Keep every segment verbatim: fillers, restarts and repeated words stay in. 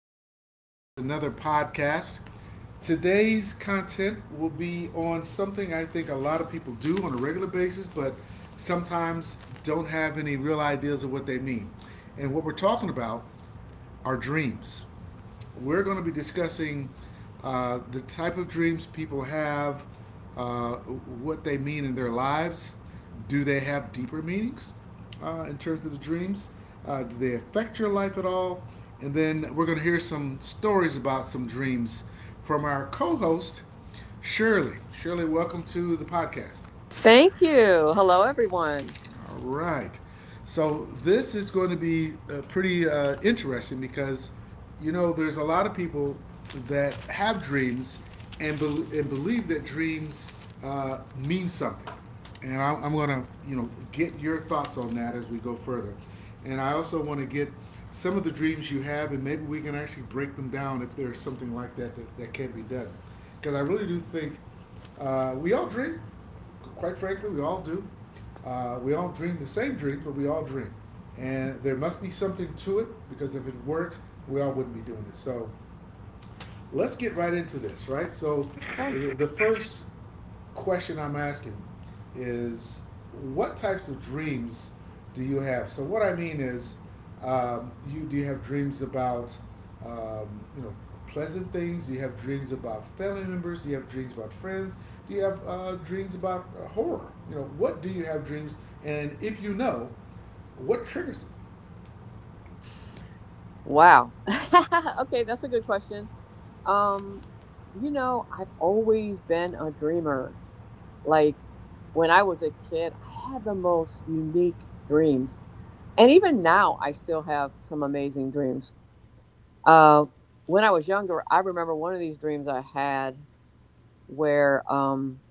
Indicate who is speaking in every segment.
Speaker 1: here, back with another podcast. Today's content will be on something I think a lot of people do on a regular basis, but sometimes don't have any real ideas of what they mean. And what we're talking about are dreams we're going to be discussing uh, the type of dreams people have, uh, what they mean in their lives. Do they have deeper meanings uh, in terms of the dreams? Uh, do they affect your life at all? And then we're going to hear some stories about some dreams from our co host, Shirley. Shirley, welcome to the podcast.
Speaker 2: Thank you. Hello, everyone.
Speaker 1: All right. So this is going to be uh, pretty uh, interesting because, you know, there's a lot of people that have dreams and, bel and believe that dreams uh, mean something. And I- I'm going to, you know, get your thoughts on that as we go further. And I also want to get some of the dreams you have, and maybe we can actually break them down if there's something like that that, that can be done. Because I really do think uh, we all dream, quite frankly, we all do. Uh, we all dream the same dreams, but we all dream. And there must be something to it because if it weren't, we all wouldn't be doing it. So let's get right into this, right? So,
Speaker 2: Hi.
Speaker 1: the first question I'm asking is, what types of dreams do you have? So, what I mean is, um, you do you have dreams about um, you know pleasant things? Do you have dreams about family members? Do you have dreams about friends? Do you have uh, dreams about uh, horror? You know, what do you have dreams? And if you know, what triggers
Speaker 2: Wow. Okay, that's a good question. Um, you know, I've always been a dreamer. Like when I was a kid, I had the most unique dreams. And even now, I still have some amazing dreams. Uh, when I was younger, I remember one of these dreams I had where um,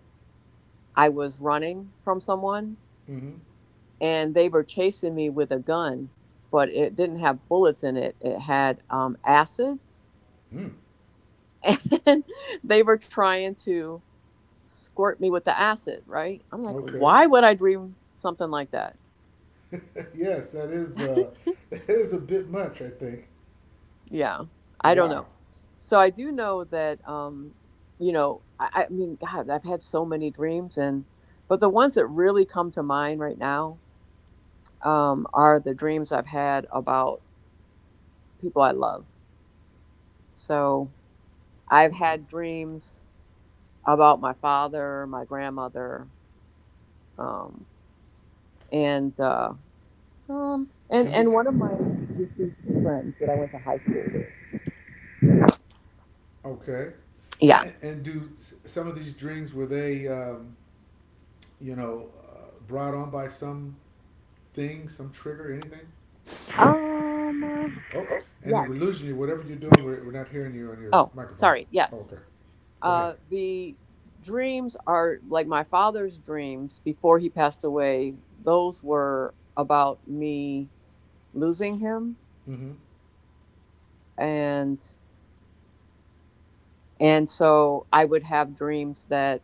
Speaker 2: I was running from someone
Speaker 1: them?
Speaker 2: and they were chasing me with a gun, but it didn't have bullets in it. It had um, acid,
Speaker 1: Mm-hmm. Mm.
Speaker 2: and they were trying to squirt me with the acid, right? I'm like,
Speaker 1: Okay.
Speaker 2: why would I dream something like that?
Speaker 1: Yes, that is uh, that is a bit much, I think.
Speaker 2: Yeah, I don't
Speaker 1: Wow.
Speaker 2: know. So I do know that, um, you know, I, I mean, God, I've had so many dreams, and but the ones that really come to mind right now um, are the dreams I've had about people I love. So I've
Speaker 1: Okay.
Speaker 2: had dreams about my father, my grandmother, um, and uh, um, and
Speaker 1: And w-
Speaker 2: and one of my deceased friends that I went to high school with.
Speaker 1: okay.
Speaker 2: Yeah.
Speaker 1: And, and do s- some of these dreams, were they, um, you know, uh, brought on by some thing, some trigger, anything?
Speaker 2: Um.
Speaker 1: Oh, and then
Speaker 2: Yes.
Speaker 1: we're losing you. Whatever you're doing, we're, we're not hearing you on your
Speaker 2: Oh,
Speaker 1: microphone.
Speaker 2: sorry.
Speaker 1: Oh,
Speaker 2: Yes.
Speaker 1: okay. Go ahead.
Speaker 2: Uh, the dreams are like my father's dreams before he passed away. Those were about me losing him,
Speaker 1: Mm-hmm.
Speaker 2: and and so I would have dreams that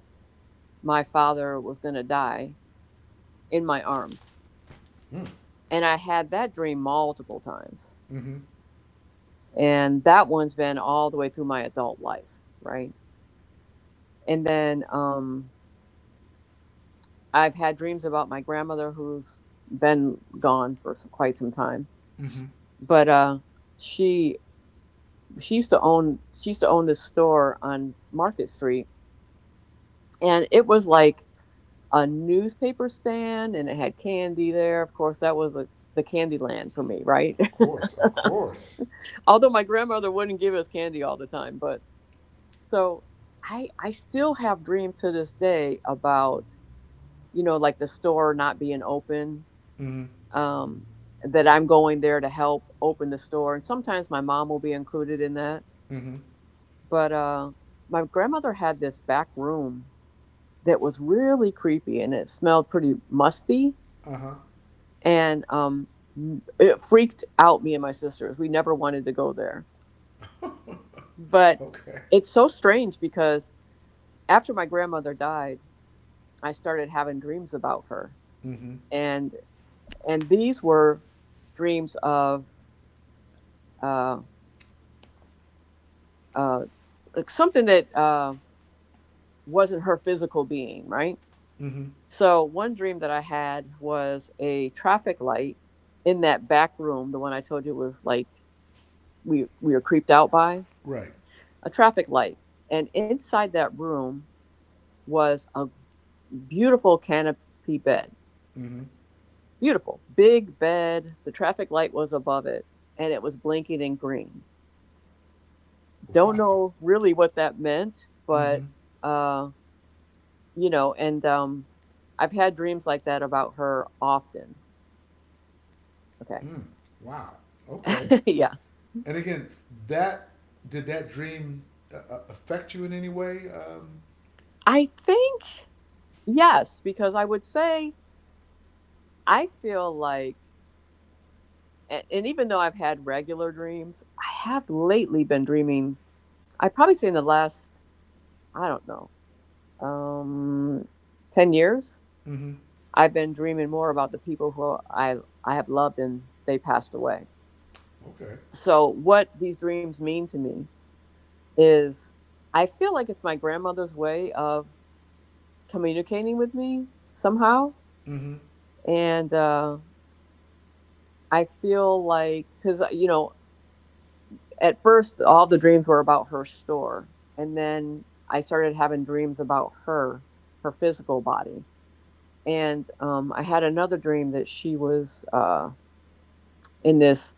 Speaker 2: my father was going to die in my arms.
Speaker 1: Mm.
Speaker 2: And I had that dream multiple times.
Speaker 1: Mm-hmm.
Speaker 2: And that one's been all the way through my adult life, right? And then um, I've had dreams about my grandmother who's been gone for some, quite some time.
Speaker 1: Mm-hmm.
Speaker 2: But uh, she she used to own she used to own this store on Market Street and it was like a newspaper stand and it had candy there. Of course, that was a, the candy land for me, right?
Speaker 1: Of course. Of course.
Speaker 2: Although my grandmother wouldn't give us candy all the time, but so I I still have dreams to this day about, you know, like the store not being open.
Speaker 1: Mm-hmm.
Speaker 2: Um that I'm going there to help open the store and sometimes my mom will be included in that.
Speaker 1: Mm-hmm.
Speaker 2: But uh my grandmother had this back room that was really creepy and it smelled pretty musty
Speaker 1: Uh-huh.
Speaker 2: and um, it freaked out me and my sisters. We never wanted to go there. But
Speaker 1: Okay.
Speaker 2: it's so strange because after my grandmother died, I started having dreams about her,
Speaker 1: Mm-hmm.
Speaker 2: and and these were dreams of uh, uh, like something that uh, wasn't her physical being, right?
Speaker 1: Mm-hmm.
Speaker 2: So one dream that I had was a traffic light in that back room, the one I told you was like we we were creeped out by
Speaker 1: Right.
Speaker 2: a traffic light. And inside that room was a beautiful canopy bed.
Speaker 1: Mm-hmm.
Speaker 2: Beautiful, big bed. The traffic light was above it and it was blinking in green. Don't
Speaker 1: Wow.
Speaker 2: know really what that meant,
Speaker 1: Mm-hmm.
Speaker 2: but, uh, you know, and um, I've had dreams like that about her often. Okay.
Speaker 1: Mm. Wow. Okay.
Speaker 2: Yeah.
Speaker 1: And again, that, did that dream uh, uh, affect you in any way? Um,
Speaker 2: I think yes, because I would say I feel like, and even though I've had regular dreams, I have lately been dreaming I probably say in the last, I don't know, um, ten years,
Speaker 1: mm-hmm.
Speaker 2: I've been dreaming more about the people who I, I have loved and they passed away.
Speaker 1: Okay.
Speaker 2: So, what these dreams mean to me is I feel like it's my grandmother's way of communicating with me somehow.
Speaker 1: Mm-hmm.
Speaker 2: And uh, I feel like, because, you know, at first all the dreams were about her store. And then I started having dreams about her, her physical body and um, I had another dream that she was uh, in this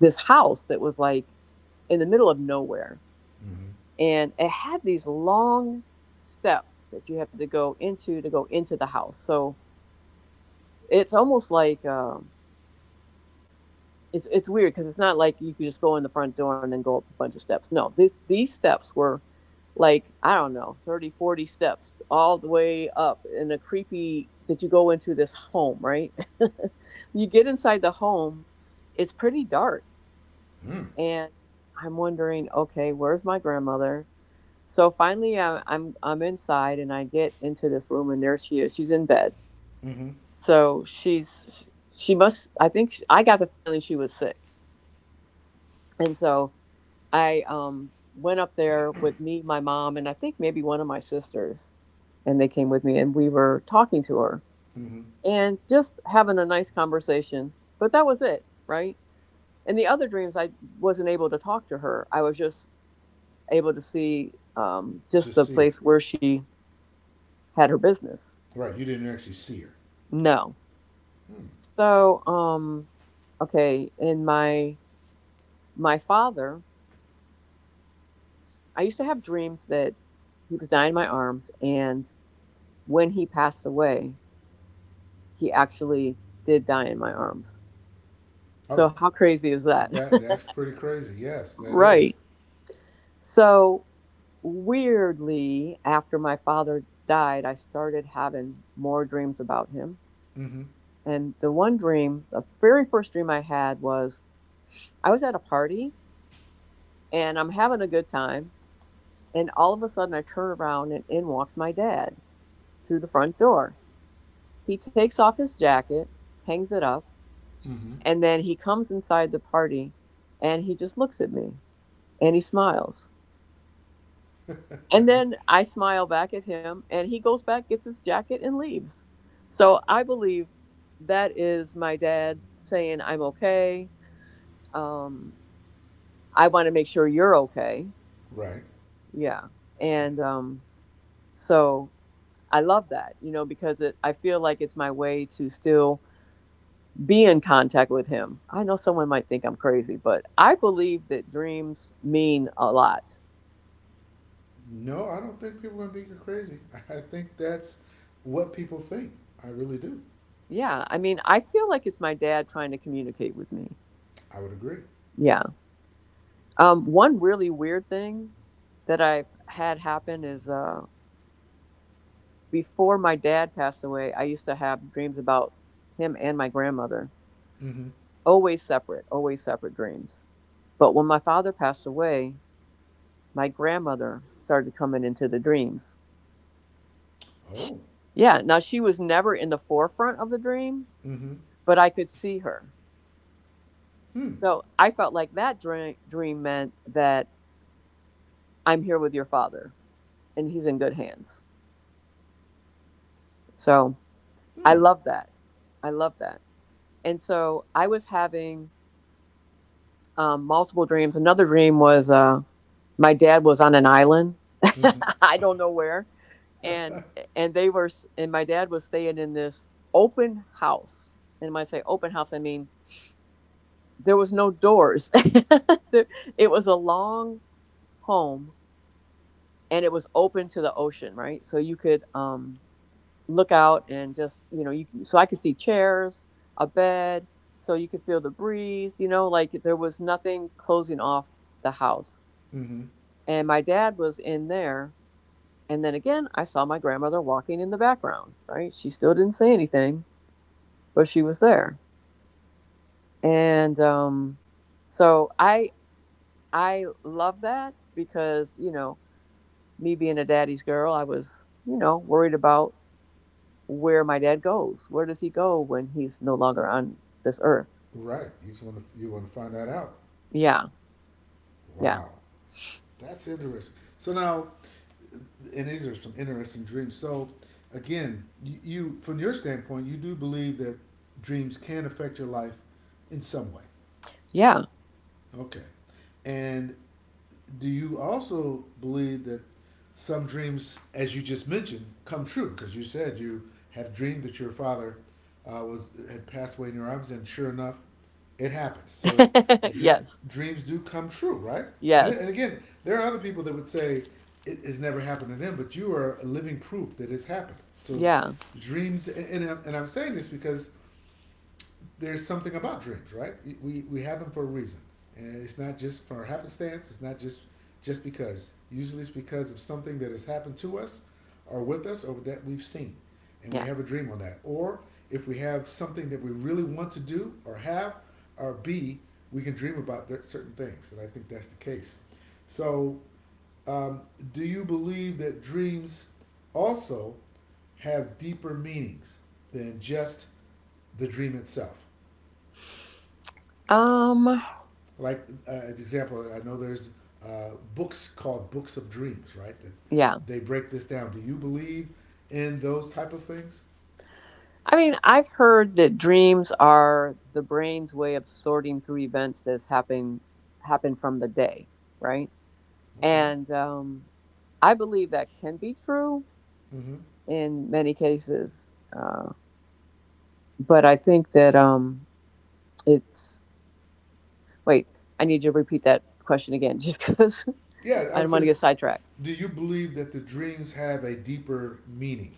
Speaker 2: this house that was like in the middle of nowhere,
Speaker 1: Mm-hmm.
Speaker 2: and it had these long steps that you have to go into to go into the house. So it's almost like uh, it's it's weird because it's not like you could just go in the front door and then go up a bunch of steps. No, these these steps were like I don't know thirty forty steps all the way up in a creepy that you go into this home, right? You get inside the home, it's pretty dark
Speaker 1: Mm.
Speaker 2: and I'm wondering, okay, where's my grandmother? So finally I I'm I'm inside and I get into this room and there she is. She's in bed.
Speaker 1: Mm-hmm.
Speaker 2: So she's she must I think she, I got the feeling she was sick. And so I um went up there with me, my mom, and I think maybe one of my sisters, and they came with me and we were talking to her
Speaker 1: Mm-hmm.
Speaker 2: and just having a nice conversation. But that was it, right? And the other dreams I wasn't able to talk to her. I was just able to see um just
Speaker 1: Just
Speaker 2: the
Speaker 1: see her.
Speaker 2: place where she had her business.
Speaker 1: Right. You didn't actually see her.
Speaker 2: No.
Speaker 1: Hmm.
Speaker 2: So, um okay, in my my father, I used to have dreams that he was dying in my arms and when he passed away, he actually did die in my arms.
Speaker 1: Oh,
Speaker 2: So, how crazy is that?
Speaker 1: that that's pretty crazy. Yes, that is.
Speaker 2: Right. So, weirdly, after my father died, I started having more dreams about him.
Speaker 1: Mm-hmm.
Speaker 2: And the one dream, the very first dream I had was I was at a party and I'm having a good time. And all of a sudden, I turn around and in walks my dad through the front door. He takes off his jacket, hangs it up,
Speaker 1: Mm-hmm.
Speaker 2: and then he comes inside the party and he just looks at me. And he smiles. And then I smile back at him, and he goes back, gets his jacket, and leaves. So I believe that is my dad saying, I'm okay. Um, I want to make sure you're okay.
Speaker 1: Right.
Speaker 2: Yeah.
Speaker 1: Yeah.
Speaker 2: And um, so I love that, you know, because it, I feel like it's my way to still be in contact with him. I know someone might think I'm crazy, but I believe that dreams mean a lot.
Speaker 1: No, I don't think people are going to think you're crazy. I think that's what people think. I really do.
Speaker 2: Yeah. I mean, I feel like it's my dad trying to communicate with me.
Speaker 1: I would agree.
Speaker 2: Yeah. Um, one really weird thing that I've had happen is uh, before my dad passed away, I used to have dreams about him and my grandmother,
Speaker 1: Mm-hmm.
Speaker 2: always separate, always separate dreams. But when my father passed away, my grandmother started coming into the dreams.
Speaker 1: Oh.
Speaker 2: Yeah. Now she was never in the forefront of the dream,
Speaker 1: Mm-hmm.
Speaker 2: but I could see her.
Speaker 1: Hmm.
Speaker 2: So I felt like that dream dream meant that I'm here with your father and he's in good hands. So I
Speaker 1: Hmm.
Speaker 2: love that. I love that. And so I was having um, multiple dreams. Another dream was uh, my dad was on an island.
Speaker 1: Mm-hmm.
Speaker 2: I don't know where. And and they were and my dad was staying in this open house. And when I say open house, I mean there was no doors. It was a long home and it was open to the ocean, right? So you could um look out and just you know you so I could see chairs, a bed, so you could feel the breeze. You know, like there was nothing closing off the house.
Speaker 1: Mm-hmm.
Speaker 2: And my dad was in there, and then again I saw my grandmother walking in the background. Right, she still didn't say anything, but she was there. And um, so I I love that because you know me being a daddy's girl, I was you know worried about where my dad goes. Where does he go when he's no longer on this earth?
Speaker 1: Right. You just want to you want to find that out.
Speaker 2: Yeah. Yeah.
Speaker 1: Wow, that's interesting. So now, and these are some interesting dreams. So, again, you, you from your standpoint, you do believe that dreams can affect your life in some way.
Speaker 2: Yeah.
Speaker 1: Okay, and do you also believe that some dreams, as you just mentioned, come true? Because you said you have dreamed that your father uh, was had passed away in your arms, and sure enough, it happened. So dream,
Speaker 2: Yes.
Speaker 1: dreams do come true, right? And, and
Speaker 2: Yes.
Speaker 1: again, there are other people that would say it has never happened to them, but you are a living proof that it's happened. So
Speaker 2: Yeah.
Speaker 1: dreams, and, and I'm- and I'm saying this because there's something about dreams, right? We we have them for a reason, and it's not just for happenstance. It's not just just because. Usually, it's because of something that has happened to us, or with us, or that we've seen, and we
Speaker 2: Yeah.
Speaker 1: have a dream on that. Or if we have something that we really want to do, or have, or be, we can dream about certain things, and I think that's the case. So, um, do you believe that dreams also have deeper meanings than just the dream itself?
Speaker 2: Um,
Speaker 1: Like uh, an example, I know there's uh, books called books of dreams, right? That
Speaker 2: yeah.
Speaker 1: they break this down. Do you believe in those type of things?
Speaker 2: I mean, I've heard that dreams are the brain's way of sorting through events that's happening happen from the day, right?
Speaker 1: Okay.
Speaker 2: And um I believe that can be true
Speaker 1: Hmm.
Speaker 2: in many cases. Uh, but I think that um it's wait, I need you to repeat that question again just because
Speaker 1: Yeah, I
Speaker 2: I
Speaker 1: would
Speaker 2: don't want to
Speaker 1: say.
Speaker 2: get sidetracked.
Speaker 1: Do you believe that the dreams have a deeper meaning?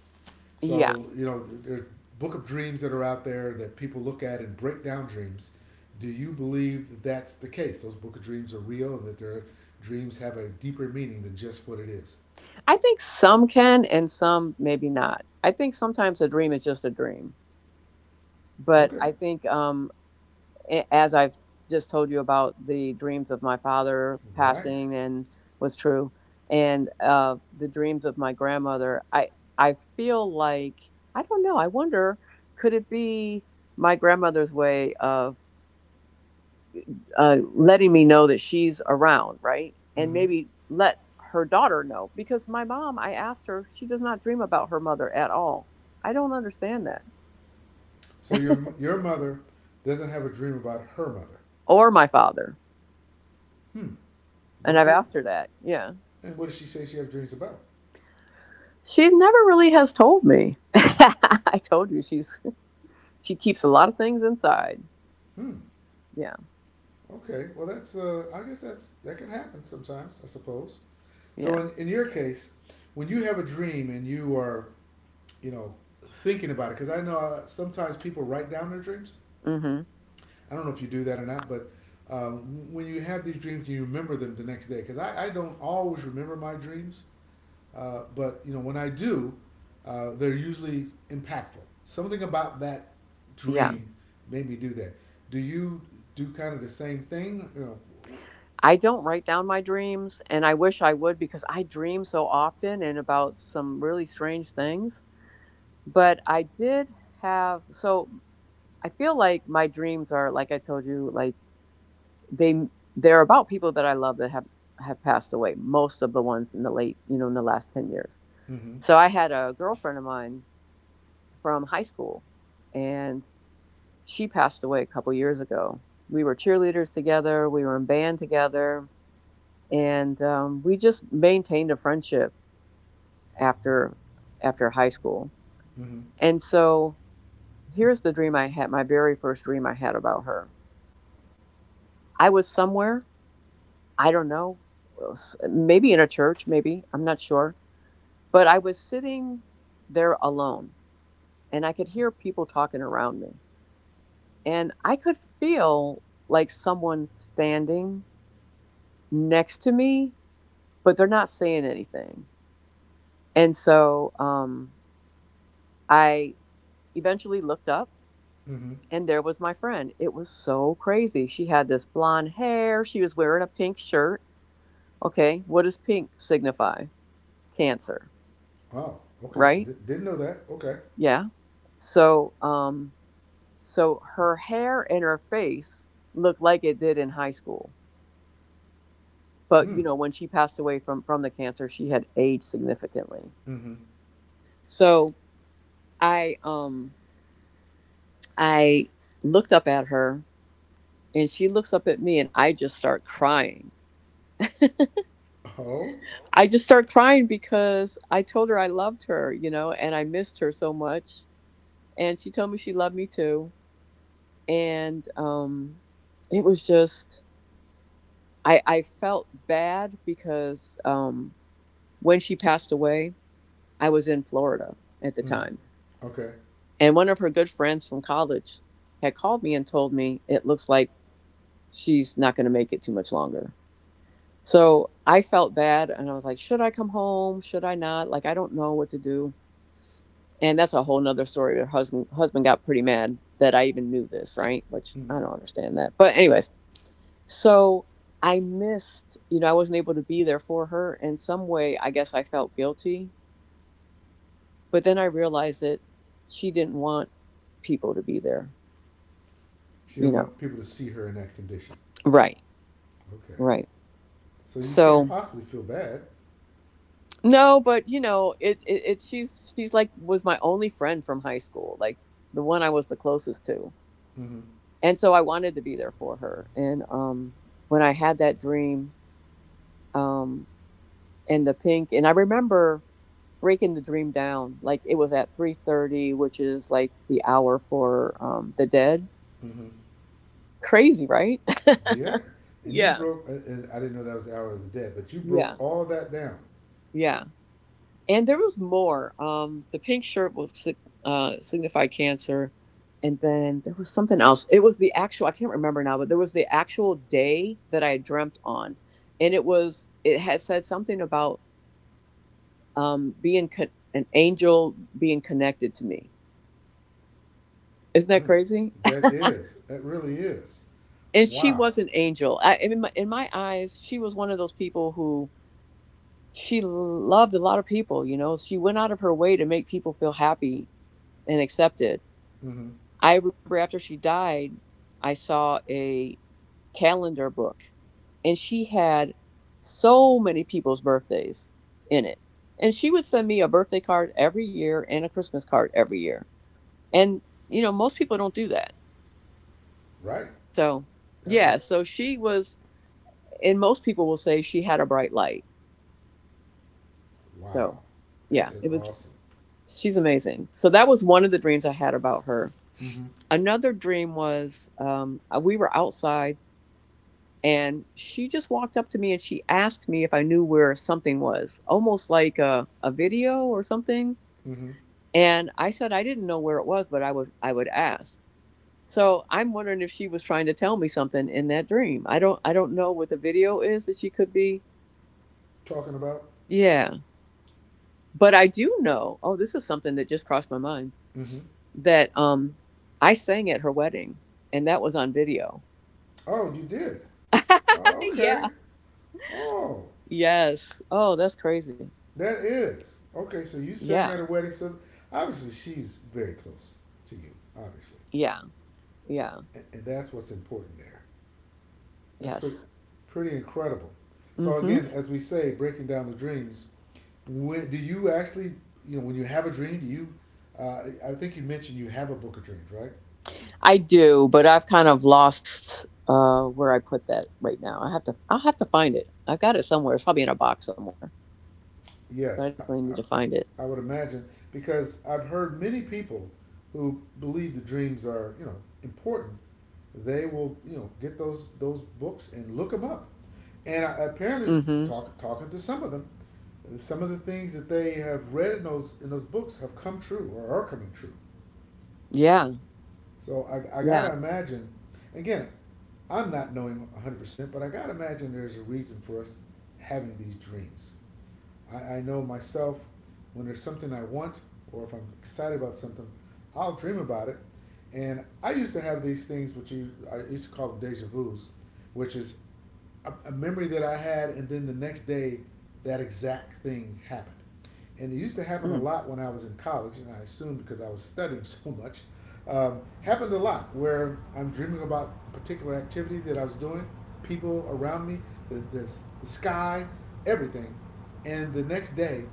Speaker 2: Yeah.
Speaker 1: So you know, there's book of dreams that are out there that people look at and break down dreams. Do you believe that that's the case? Those book of dreams are real, and that their dreams have a deeper meaning than just what it is.
Speaker 2: I think some can and some maybe not. I think sometimes a dream is just a dream. But
Speaker 1: Okay.
Speaker 2: I think, um, a- as I've just told you about the dreams of my father
Speaker 1: Right.
Speaker 2: passing and was true, and uh, the dreams of my grandmother, I, I feel like, I don't know, I wonder could it be my grandmother's way of uh, letting me know that she's around, right? And
Speaker 1: Hmm.
Speaker 2: maybe let her daughter know because my mom, I asked her, she does not dream about her mother at all. I don't understand that.
Speaker 1: So your your mother doesn't have a dream about her mother.
Speaker 2: Or my father.
Speaker 1: Hmm.
Speaker 2: And
Speaker 1: What
Speaker 2: I've
Speaker 1: the,
Speaker 2: asked her that. Yeah.
Speaker 1: and what does she say she have dreams about?
Speaker 2: She never really has told me. I told you she's she keeps a lot of things inside.
Speaker 1: Hmm.
Speaker 2: Yeah.
Speaker 1: Okay. Well, that's uh, I guess that's that can happen sometimes, I suppose.
Speaker 2: Yeah.
Speaker 1: So in in your case, when you have a dream and you are you know thinking about it, because I know uh, sometimes people write down their dreams.
Speaker 2: Mhm.
Speaker 1: I don't know if you do that or not, but um, when you have these dreams, you remember them the next day. Because I, I don't always remember my dreams. Uh, but you know, when I do, uh, they're usually impactful. Something about that
Speaker 2: Yeah.
Speaker 1: dream made me do that. Do you do kind of the same thing? You know,
Speaker 2: I don't write down my dreams and I wish I would because I dream so often and about some really strange things. But I did have so I feel like my dreams are like I told you like they they're about people that I love that have have passed away, most of the ones in the late, you know, in the last ten years.
Speaker 1: mm-hmm,
Speaker 2: So I had a girlfriend of mine from high school, and she passed away a couple years ago. We were cheerleaders together, we were in band together, and um, we just maintained a friendship after after high school.
Speaker 1: mm-hmm,
Speaker 2: And so Here's the dream I had, my very first dream I had about her. I was somewhere, I don't know, maybe in a church, maybe, I'm not sure, but I was sitting there alone, and I could hear people talking around me. And I could feel like someone standing next to me, but they're not saying anything. And so um, I eventually looked up,
Speaker 1: mm-hmm.
Speaker 2: and there was my friend. It was so crazy. She had this blonde hair, she was wearing a pink shirt. Okay, what does pink signify? Cancer,
Speaker 1: Oh, okay.
Speaker 2: right?
Speaker 1: D- didn't know that. Okay.
Speaker 2: Yeah. So, um, so her hair and her face looked like it did in high school, but you
Speaker 1: Mm.
Speaker 2: know, when she passed away from from the cancer, she had aged significantly.
Speaker 1: Mm-hmm.
Speaker 2: So I, um, I looked up at her, and she looks up at me, and I just start crying.
Speaker 1: Oh.
Speaker 2: I just start crying because I told her I loved her, you know, and I missed her so much. And she told me she loved me too, and um it was just, i i felt bad because um when she passed away, I was in Florida at the time.
Speaker 1: Mm-hmm. Okay.
Speaker 2: And one of her good friends from college had called me and told me it looks like she's not going to make it too much longer. So I felt bad, and I was like, should I come home, should I not, like I don't know what to do. And that's a whole nother story. Her husband husband got pretty mad that I even knew this, right, which
Speaker 1: Mm.
Speaker 2: I don't understand that, but anyways. So I missed, you know, I wasn't able to be there for her. And some way, I guess I felt guilty. But then I realized that she didn't want people to be there,
Speaker 1: She
Speaker 2: you
Speaker 1: didn't
Speaker 2: know.
Speaker 1: want people to see her in that condition.
Speaker 2: Right,
Speaker 1: Okay.
Speaker 2: right.
Speaker 1: So you can't
Speaker 2: So
Speaker 1: possibly feel bad.
Speaker 2: no, but you know, it, it it she's she's like was my only friend from high school, like the one I was the closest to.
Speaker 1: Mm-hmm.
Speaker 2: And so I wanted to be there for her. And um when I had that dream, um and the pink, and I remember breaking the dream down, like it was at three thirty, which is like the hour for um the dead.
Speaker 1: Mm-hmm.
Speaker 2: Crazy, right?
Speaker 1: Yeah, and you
Speaker 2: Yeah,
Speaker 1: broke, uh, uh, I didn't know that was the hour of the dead, but you
Speaker 2: yeah,
Speaker 1: broke all that down.
Speaker 2: yeah. And there was more. Um the pink shirt was, uh signified cancer. And then there was something else. It was the actual, I can't remember now, but there was the actual day that I dreamt on, and it was, it had said something about um being con- an angel being connected to me. Isn't that
Speaker 1: Mm.
Speaker 2: crazy?
Speaker 1: That is. That really is.
Speaker 2: And she
Speaker 1: Wow.
Speaker 2: was an angel. I, in my in my eyes, she was one of those people who, she loved a lot of people. You know, she went out of her way to make people feel happy and accepted.
Speaker 1: Hmm.
Speaker 2: I remember after she died, I saw a calendar book, and she had so many people's birthdays in it. And she would send me a birthday card every year and a Christmas card every year. And you know, most people don't do that.
Speaker 1: Right.
Speaker 2: So
Speaker 1: That-
Speaker 2: yeah,
Speaker 1: that-
Speaker 2: so she was, and most people will say she had a bright light.
Speaker 1: wow.
Speaker 2: So,
Speaker 1: That
Speaker 2: yeah,
Speaker 1: is
Speaker 2: it was,
Speaker 1: awesome.
Speaker 2: she's amazing. So that was one of the dreams I had about her.
Speaker 1: Hmm.
Speaker 2: Another dream was, um, uh, we were outside, and she just walked up to me and she asked me if I knew where something was, almost like a, a video or something.
Speaker 1: Hmm.
Speaker 2: And I said I didn't know where it was, but I would I would ask. So I'm wondering if she was trying to tell me something in that dream. I don't I don't know what the video is that she could be.
Speaker 1: Talking about.
Speaker 2: Yeah. But I do know, oh, this is something that just crossed my mind,
Speaker 1: Hmm.
Speaker 2: that um I sang at her wedding, and that was on video.
Speaker 1: Oh, you did. Oh, okay.
Speaker 2: Yeah.
Speaker 1: Oh,
Speaker 2: Yes. Oh, that's crazy.
Speaker 1: that is okay. So you sang
Speaker 2: Yeah.
Speaker 1: at a wedding. So obviously she's very close to you. Obviously,
Speaker 2: Yeah. Yeah.
Speaker 1: and, and that's what's important there. That's pretty,
Speaker 2: Yes.
Speaker 1: pretty incredible. So
Speaker 2: Mhm.
Speaker 1: again, as we say, breaking down the dreams. When do you actually, you know, when you have a dream, do you? Uh, I think you mentioned you have a book of dreams, right?
Speaker 2: I do, but I've kind of lost uh where I put that right now. I have to, I'll have to find it. I've got it somewhere. It's probably in a box somewhere, but I
Speaker 1: Yes,
Speaker 2: definitely need
Speaker 1: I,
Speaker 2: to find it.
Speaker 1: I, I would imagine because I've heard many people who believe the dreams are you know important. They will you know get those those books and look them up, and I, apparently
Speaker 2: Mhm.
Speaker 1: talk, talking to some of them, some of the things that they have read in those in those books have come true or are coming true.
Speaker 2: Yeah.
Speaker 1: So I, I
Speaker 2: Yeah.
Speaker 1: gotta imagine, again, I'm not knowing one hundred percent, but I gotta imagine there's a reason for us having these dreams. I, I know myself, when there's something I want or if I'm excited about something, I'll dream about it. And I used to have these things, which you I used to call them deja vu's, which is a, a memory that I had, and then the next day, that exact thing happened, and it used to happen a
Speaker 2: Mm.
Speaker 1: lot when I was in college, and I assume because I was studying so much, um, happened a lot where I'm dreaming about a particular activity that I was doing, people around me, the, the, the sky, everything, and the next day,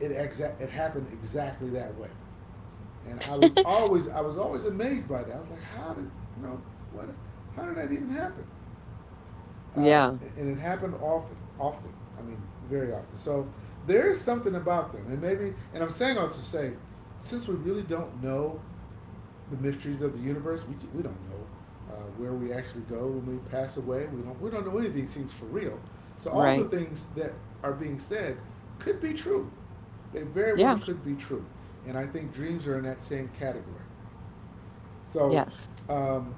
Speaker 1: it exa- it happened exactly that way, and I was always I was always amazed by that. I was like, how did you know what? How did that even happen? uh,
Speaker 2: Yeah.
Speaker 1: and it happened often, often. I mean, very often. So there is something about them, and maybe, and I'm saying all this to say, since we really don't know the mysteries of the universe, we, we don't know uh, where we actually go when we pass away. We don't we don't know anything seems for real. So all the
Speaker 2: Right.
Speaker 1: things that are being said could be true. They very well
Speaker 2: Yeah.
Speaker 1: could be true, and I think dreams are in that same category. So
Speaker 2: Yes.
Speaker 1: um,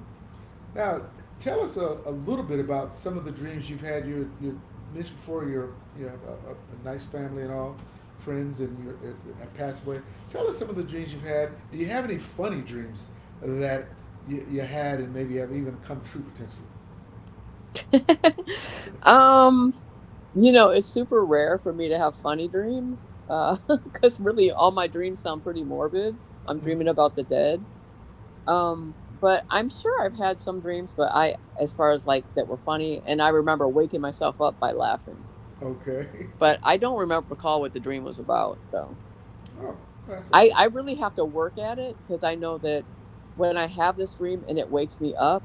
Speaker 1: now, tell us a, a little bit about some of the dreams you've had. You you mentioned before you're, you have a, a, nice family and all, friends, and you have passed away. Tell us some of the dreams you've had. Do you have any funny dreams that you, you had and maybe have even come true potentially?
Speaker 2: um You know, it's super rare for me to have funny dreams, uh, because really all my dreams sound pretty morbid. I'm
Speaker 1: Hmm.
Speaker 2: dreaming about the dead. Um, but I'm sure I've had some dreams, but I as far as, like, that were funny, and I remember waking myself up by laughing.
Speaker 1: Okay.
Speaker 2: But I don't remember recall what the dream was about, though.
Speaker 1: Oh, that's
Speaker 2: I
Speaker 1: okay.
Speaker 2: I really have to work at it, because I know that when I have this dream and it wakes me up,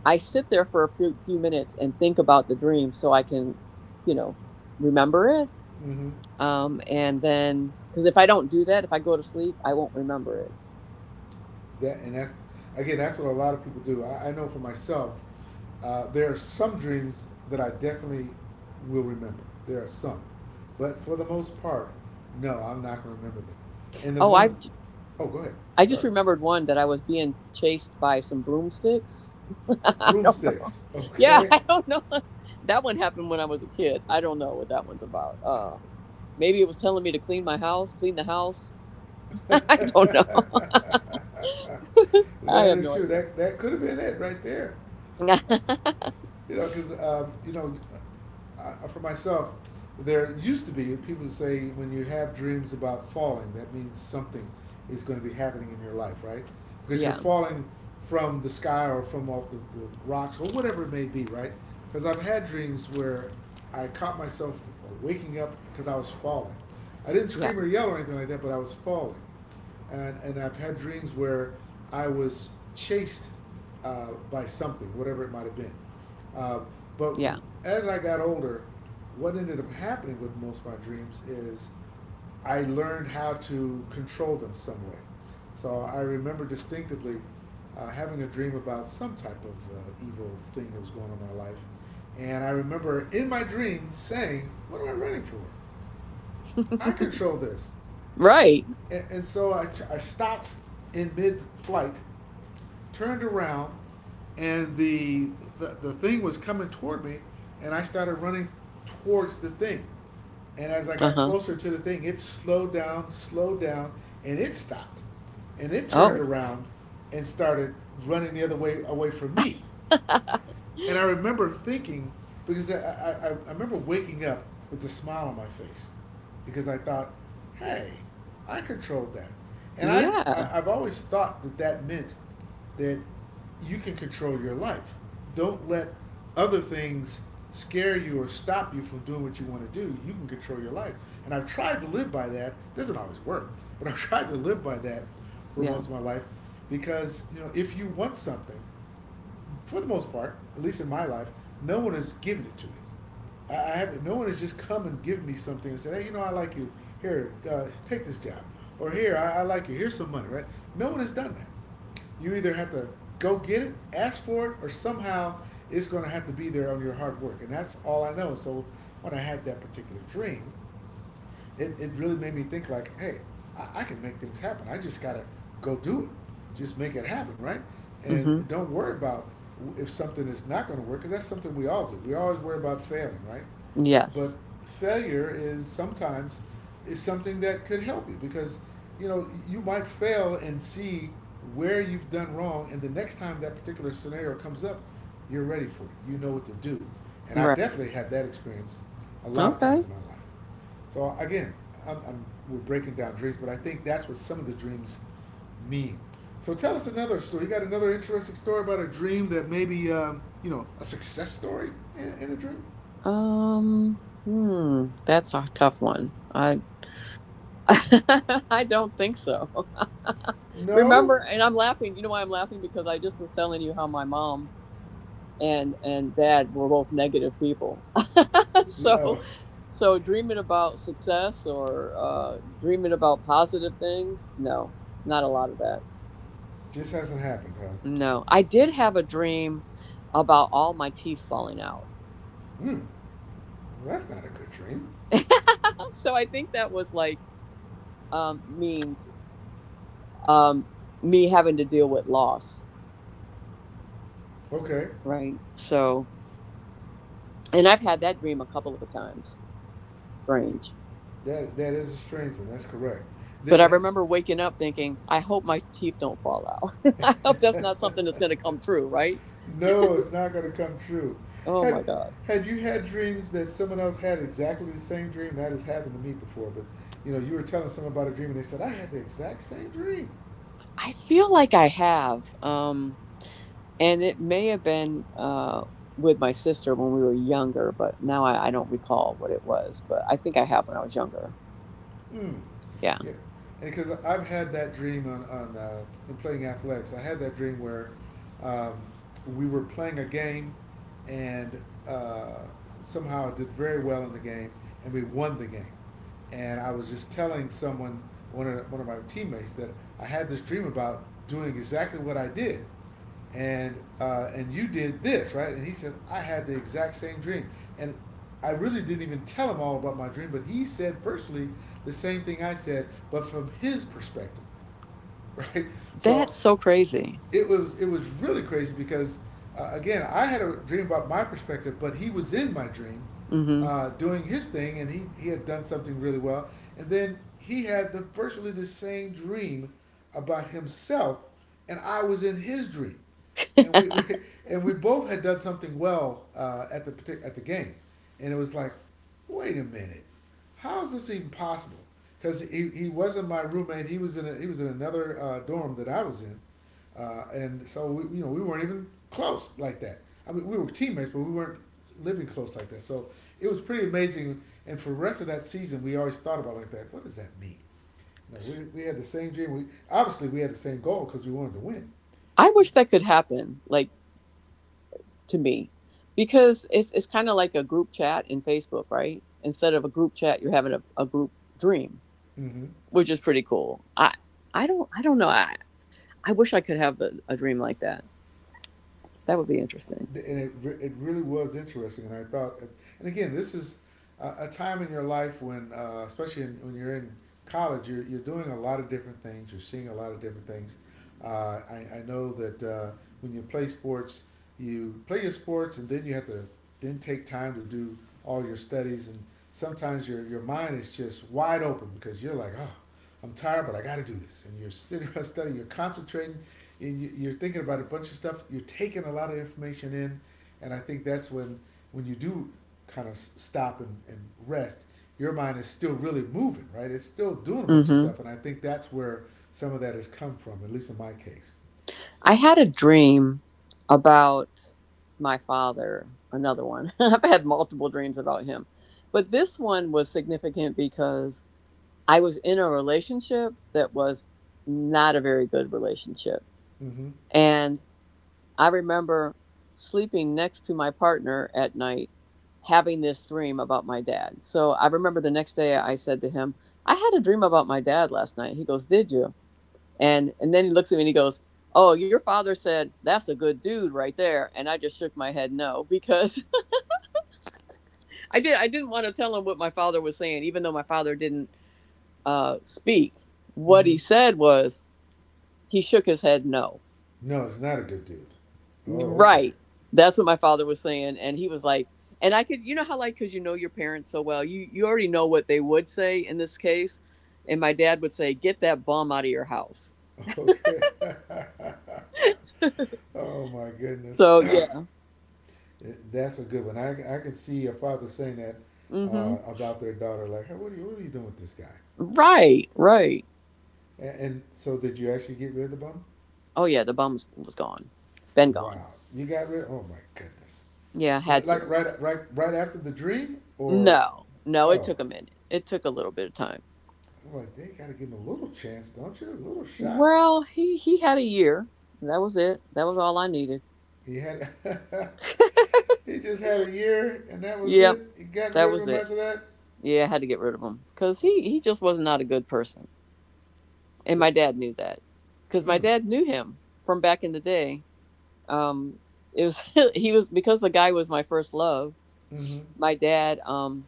Speaker 2: I sit there for a few few minutes and think about the dream so I can, you know, remember it.
Speaker 1: Mm-hmm.
Speaker 2: Um, and then because if I don't do that, if I go to sleep, I won't remember it.
Speaker 1: That, and that's again, that's what a lot of people do. I, I know for myself, uh, there are some dreams that I definitely will remember. There are some, but for the most part, no, I'm not going to remember them. And the
Speaker 2: Oh,
Speaker 1: ones,
Speaker 2: I've j-
Speaker 1: oh, go ahead.
Speaker 2: i have I just
Speaker 1: Sorry,
Speaker 2: remembered one that I was being chased by some broomsticks. I don't know.
Speaker 1: broomsticks.
Speaker 2: Yeah,
Speaker 1: Okay.
Speaker 2: I don't know. That one happened when I was a kid. I don't know what that one's about. Uh, maybe it was telling me to clean my house, clean the house. I don't
Speaker 1: That
Speaker 2: know. I have
Speaker 1: is
Speaker 2: no
Speaker 1: true.
Speaker 2: idea.
Speaker 1: That that could have been it right there. You know, because uh, you know, I, for myself, there used to be people say when you have dreams about falling, that means something is going to be happening in your life, right? Because you're
Speaker 2: Yeah,
Speaker 1: falling from the sky or from off the, the rocks or whatever it may be, right? Because I've had dreams where I caught myself waking up because I was falling. I didn't
Speaker 2: yeah,
Speaker 1: scream or yell or anything like that, but I was falling, and and I've had dreams where I was chased uh, by something, whatever it might have been. Uh, but
Speaker 2: yeah.
Speaker 1: as I got older, what ended up happening with most of my dreams is I learned how to control them some way. So I remember distinctively, uh, having a dream about some type of uh, evil thing that was going on in my life. And I remember in my dream saying, "What am I running for? I control this."
Speaker 2: Right.
Speaker 1: And, and so I, t- I stopped in mid flight, turned around, and the, the the thing was coming toward me, and I started running towards the thing. And as I
Speaker 2: Uh
Speaker 1: got
Speaker 2: huh.
Speaker 1: closer to the thing, it slowed down, slowed down, and it stopped. And it turned
Speaker 2: Oh.
Speaker 1: around and started running the other way away from me. And I remember thinking, because I, I, I remember waking up with a smile on my face because I thought, hey, I controlled that. And I,
Speaker 2: Yeah.
Speaker 1: I, I've always thought that that meant that you can control your life. Don't let other things scare you or stop you from doing what you want to do. You can control your life. And I've tried to live by that. It doesn't always work, but I've tried to live by that for
Speaker 2: Yeah.
Speaker 1: most of my life because, you know, if you want something, for the most part, at least in my life, no one has given it to me. I, I haven't. No one has just come and given me something and said, "Hey, you know, I like you. Here, uh, take this job." Or here, I, I like you. Here's some money, right? No one has done that. You either have to go get it, ask for it, or somehow it's going to have to be there on your hard work. And that's all I know. So when I had that particular dream, it, it really made me think like, hey, I, I can make things happen. I just gotta go do it. Just make it happen, right?
Speaker 2: Mm
Speaker 1: And
Speaker 2: hmm.
Speaker 1: don't worry about if something is not going to work, because that's something we all do. We always worry about failing, right? But
Speaker 2: Yes.
Speaker 1: failure is sometimes is something that could help you because you know you might fail and see where you've done wrong, and the next time that particular scenario comes up, you're ready for it. You know what to do, and I
Speaker 2: Right.
Speaker 1: definitely had that experience a lot of times
Speaker 2: Okay.
Speaker 1: in my life. So again, I'm, I'm, we're breaking down dreams, but I think that's what some of the dreams mean. So tell us another story. You got another interesting story about a dream that maybe um, you know a success story in, in a dream?
Speaker 2: Um. Hmm. That's a tough one. I. I don't think so. Remember,
Speaker 1: No.
Speaker 2: and I'm laughing. You know why I'm laughing? Because I just was telling you how my mom and and dad were both negative people.
Speaker 1: The-
Speaker 2: So,
Speaker 1: oh,
Speaker 2: so dreaming about success or uh, dreaming about positive things, no, not a lot of that.
Speaker 1: just hasn't happened, huh?
Speaker 2: No, I did have a dream about all my teeth falling out.
Speaker 1: Hmm, well, that's not a good dream.
Speaker 2: So I think that was like, um, means um, me having to deal with loss,
Speaker 1: Okay,
Speaker 2: right? So, and I've had that dream a couple of times. Strange.
Speaker 1: that that is a strange one. That's correct.
Speaker 2: But I
Speaker 1: The-
Speaker 2: remember waking up thinking, I hope my teeth don't fall out. I hope that's not something that's going to come true, right?
Speaker 1: no, it's not going to come true.
Speaker 2: Oh
Speaker 1: Had
Speaker 2: my God.
Speaker 1: had you had dreams that someone else had exactly the same dream? That has happened to me before, but you know, you were telling someone about a dream and they said, "I had the exact same dream."
Speaker 2: I feel like I have. Um, and it may have been uh, with my sister when we were younger, but now I, I don't recall what it was. But I think I have when I was younger.
Speaker 1: Mm.
Speaker 2: Yeah.
Speaker 1: Yeah, because I've had that dream on on uh, in playing athletics. I had that dream where um, we were playing a game, and uh, somehow I did very well in the game, and we won the game. And I was just telling someone, one of one of my teammates, that I had this dream about doing exactly what I did, and uh, and you did this, right? And he said, "I had the exact same dream." And I really didn't even tell him all about my dream, but he said virtually the same thing I said, but from his perspective. Right?
Speaker 2: That's
Speaker 1: So
Speaker 2: so crazy.
Speaker 1: it was it was really crazy because, uh, again, I had a dream about my perspective, but he was in my dream,
Speaker 2: Hmm.
Speaker 1: uh, doing his thing, and he he had done something really well, and then he had the virtually the same dream about himself, and I was in his dream, and we, we and we both had done something well uh, at the at the game, and it was like, wait a minute, how is this even possible? Because he, he wasn't my roommate, he was in a, he was in another uh, dorm that I was in, uh, and so we, you know, we weren't even close like that. I mean, we were teammates, but we weren't living close like that. So it was pretty amazing. And for the rest of that season, we always thought about it like that. What does that mean? You know, we, we had the same dream. We obviously we had the same goal because we wanted to win.
Speaker 2: I wish that could happen, like to me, because it's it's kind of like a group chat in Facebook, right? Instead of a group chat, you're having a, a group dream,
Speaker 1: Mm-hmm.
Speaker 2: which is pretty cool. I I don't I don't know. I I wish I could have a, a dream like that. That would be interesting.
Speaker 1: And it, it really was interesting. And I thought, and again, this is a, a time in your life when, uh, especially in, when you're in college, you're, you're doing a lot of different things, you're, seeing a lot of different things. Uh, I, I know that uh, when you play sports, you play your sports and then you have to then take time to do all your studies. And sometimes your, your mind is just wide open because you're like, oh, I'm tired, but I got to do this. And you're sitting around studying, you're concentrating, and you- are thinking about a bunch of stuff. You're taking a lot of information in, and I think that's when when you do kind of stop and, and rest, your mind is still really moving, right? It's still doing a bunch of
Speaker 2: Hmm.
Speaker 1: stuff, and I think that's where some of that has come from, at least in my case.
Speaker 2: I had a dream about my father. Another one. I've had multiple dreams about him, but this one was significant because I was in a relationship that was not a very good relationship.
Speaker 1: Mm-hmm.
Speaker 2: And I remember sleeping next to my partner at night, having this dream about my dad. So I remember the next day I said to him, I had a dream about my dad last night. He goes, did you? And and then he looks at me and he goes, oh, your father said that's a good dude right there. And I just shook my head no, because I did I didn't want to tell him what my father was saying, even though my father didn't uh, speak. What
Speaker 1: Mm-hmm.
Speaker 2: he said was, he shook his head no.
Speaker 1: No, it's not a good dude. Oh, okay.
Speaker 2: Right. That's what my father was saying. And he was like, and I could, you know how like, cause you know your parents so well, you, you already know what they would say in this case. And my dad would say, get that bum out of your house.
Speaker 1: Okay. Oh my goodness.
Speaker 2: So yeah.
Speaker 1: That's a good one. I, I can see a father saying that,
Speaker 2: Mm-hmm.
Speaker 1: uh, about their daughter, like, hey, what are you, what are you doing with this guy?
Speaker 2: Right. Right.
Speaker 1: And, and so, did you actually get rid of the bum?
Speaker 2: Oh yeah. The bum was, was gone. Been gone.
Speaker 1: Wow, you got rid of. Oh my goodness!
Speaker 2: Yeah. Had
Speaker 1: Like
Speaker 2: to.
Speaker 1: right, right, right after the dream, or
Speaker 2: No, no. It
Speaker 1: oh,
Speaker 2: took a minute. It took a little bit of time.
Speaker 1: I'm like, they gotta give him a little chance, don't you? A little shot.
Speaker 2: Well, he, he had a year. That was it. That was all I needed.
Speaker 1: He had, he just had a year, and that was
Speaker 2: Yep.
Speaker 1: it. You got
Speaker 2: That
Speaker 1: rid of
Speaker 2: was
Speaker 1: him
Speaker 2: it.
Speaker 1: after that.
Speaker 2: Yeah, I had to get rid of him because he
Speaker 1: Oh,
Speaker 2: he just was not a good person, and
Speaker 1: that
Speaker 2: my dad knew that because my
Speaker 1: mm,
Speaker 2: dad knew him from back in the day. Um, it was he was because the guy was my first love.
Speaker 1: mm-hmm.
Speaker 2: My dad um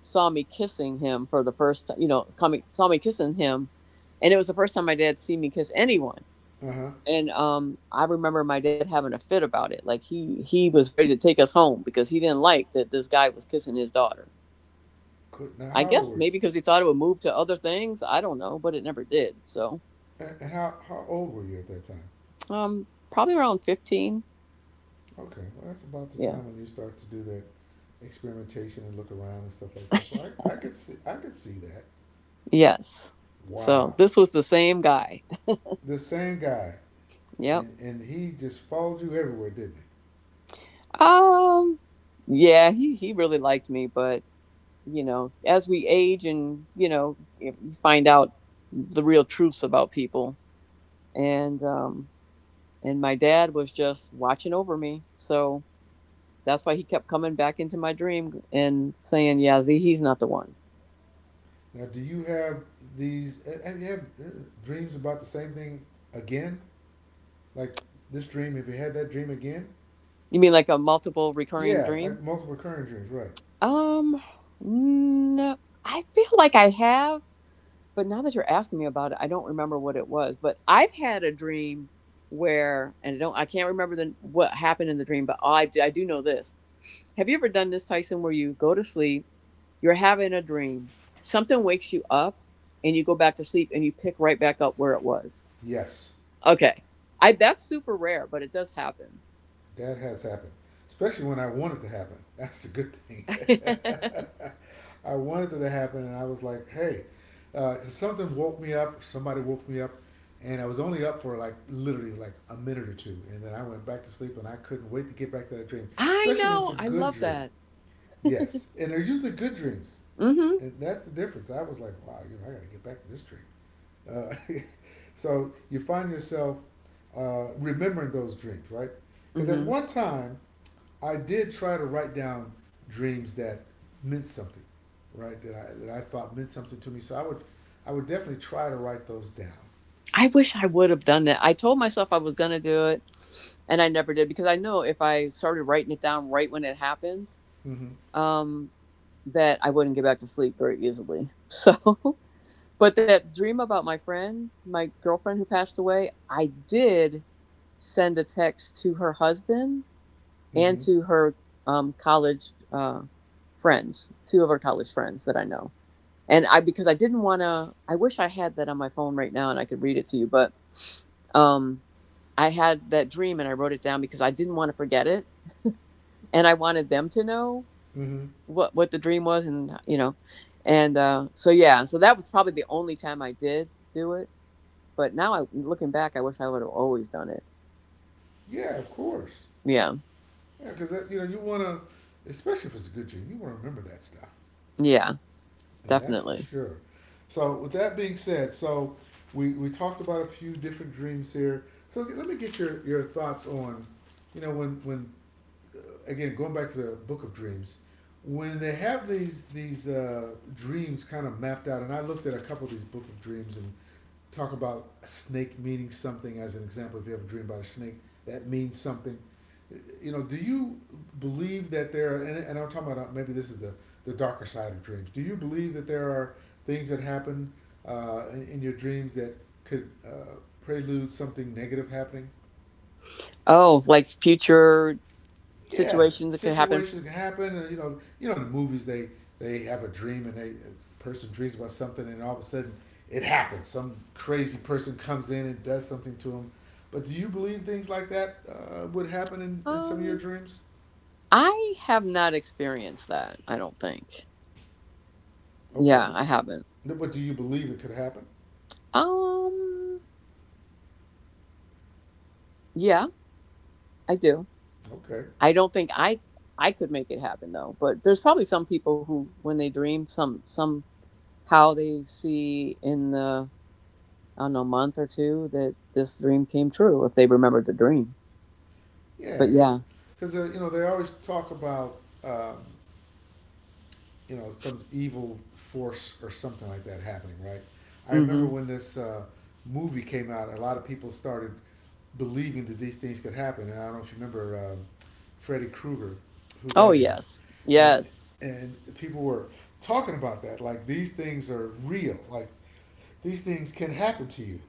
Speaker 2: saw me kissing him for the first time. You know, coming saw me kissing him, and it was the first time my dad seen me kiss anyone.
Speaker 1: Uh huh.
Speaker 2: And um, I remember my dad having a fit about it. Like he he was ready to take us home because he didn't like that this guy was kissing his daughter.
Speaker 1: Now,
Speaker 2: I
Speaker 1: how old
Speaker 2: guess
Speaker 1: were you?
Speaker 2: maybe because he thought it would move to other things. I don't know, but it never did. So,
Speaker 1: And how how old were you at that time?
Speaker 2: um, probably around fifteen.
Speaker 1: Okay, well, that's about the
Speaker 2: Yeah.
Speaker 1: time when you start to do the experimentation and look around and stuff like that. So I, I could see, I could see that.
Speaker 2: Yes. So
Speaker 1: Wow,
Speaker 2: this was the same guy.
Speaker 1: the same guy,
Speaker 2: Yep.
Speaker 1: and and he just followed you everywhere, didn't he?
Speaker 2: Um, yeah, he, he really liked me, but you know, as we age and, you know, you find out the real truths about people and, um, and my dad was just watching over me. So that's why he kept coming back into my dream and saying, yeah, the, he's not the one.
Speaker 1: Now, do you have these? uh, Have you have uh, dreams about the same thing again? Like this dream? Have you had that dream again?
Speaker 2: You mean like a multiple recurring
Speaker 1: Yeah, like
Speaker 2: dream?
Speaker 1: multiple recurring dreams, right?
Speaker 2: Um, no, I feel like I have, but now that you're asking me about it, I don't remember what it was. But I've had a dream where, and I don't, I can't remember the what happened in the dream, but all I do, I do know this. Have you ever done this, Tyson, where you go to sleep, you're having a dream, something wakes you up, and you go back to sleep and you pick right back up where it was?
Speaker 1: Yes.
Speaker 2: Okay. I That's super rare, but it does happen.
Speaker 1: That has happened, especially when I want it to happen. That's the good thing. I wanted it to happen, and I was like, hey, uh, something woke me up. Somebody woke me up, and I was only up for like literally like a minute or two, and then I went back to sleep, and I couldn't wait to get back to that dream,
Speaker 2: I
Speaker 1: especially when it's a
Speaker 2: know. I
Speaker 1: good
Speaker 2: love
Speaker 1: dream.
Speaker 2: that.
Speaker 1: Yes, and they're usually good dreams,
Speaker 2: Mm-hmm.
Speaker 1: and that's the difference. I was like, wow, you know, I got to get back to this dream. Uh, so you find yourself, uh, remembering those dreams, right? Because at
Speaker 2: Mm-hmm.
Speaker 1: one time, I did try to write down dreams that meant something, right? That I that I thought meant something to me. So I would, I would definitely try to write those down.
Speaker 2: I wish I would have done that. I told myself I was gonna do it, and I never did because I know if I started writing it down right when it happened,
Speaker 1: Mm-hmm.
Speaker 2: um, that I wouldn't get back to sleep very easily. So, but that dream about my friend, my girlfriend who passed away, I did send a text to her husband and
Speaker 1: Mm-hmm.
Speaker 2: to her um, college uh, friends, two of her college friends that I know and I because I didn't want to. I wish I had that on my phone right now and I could read it to you, but um, I had that dream and I wrote it down because I didn't want to forget it, and I wanted them to know
Speaker 1: Mm-hmm.
Speaker 2: what what the dream was, and uh, you know, and uh, so yeah, so that was probably the only time I did do it. But now I looking back, I wish I would have always done it.
Speaker 1: Yeah, of course.
Speaker 2: Yeah,
Speaker 1: Yeah, because you know you want to, especially if it's a good dream, you want to remember that stuff,
Speaker 2: yeah,
Speaker 1: and that's for
Speaker 2: definitely.
Speaker 1: sure. So with that being said, so we we talked about a few different dreams here. So let me get your your thoughts on, you know, when when uh, again going back to the Book of Dreams, when they have these these uh, dreams kind of mapped out, and I looked at a couple of these Book of Dreams and talk about a snake meaning something as an example. If you have a dream about a snake, that means something. You know, do you believe that there are, and, and I'm talking about uh, maybe this is the, the darker side of dreams. Do you believe that there are things that happen uh, in, in your dreams that could uh, prelude something negative happening?
Speaker 2: Oh, like future
Speaker 1: Yeah,
Speaker 2: situations that could happen.
Speaker 1: situations can happen. You know, you know, in the movies they they have a dream and they a person dreams about something and all of a sudden it happens. Some crazy person comes in and does something to them. But do you believe things like that uh, would happen in, in some of your
Speaker 2: Um,
Speaker 1: dreams?
Speaker 2: I have not experienced that. I don't think.
Speaker 1: Okay.
Speaker 2: Yeah, I haven't.
Speaker 1: No, but do you believe it could happen?
Speaker 2: Um, yeah, I do.
Speaker 1: Okay.
Speaker 2: I don't think I I could make it happen though, but there's probably some people who when they dream some somehow they see in the I don't know month or two that this dream came true if they remembered the dream. But
Speaker 1: Yeah,
Speaker 2: yeah.
Speaker 1: because uh, you know they always talk about um, you know, some evil force or something like that happening, right? I remember
Speaker 2: Mhm.
Speaker 1: when this uh, movie came out, a lot of people started believing that these things could happen. And I don't know if you remember um, Freddy Krueger, who
Speaker 2: Oh
Speaker 1: that is,
Speaker 2: yes.
Speaker 1: and
Speaker 2: Yes.
Speaker 1: and people were talking about that, like these things are real, like these things can happen to you.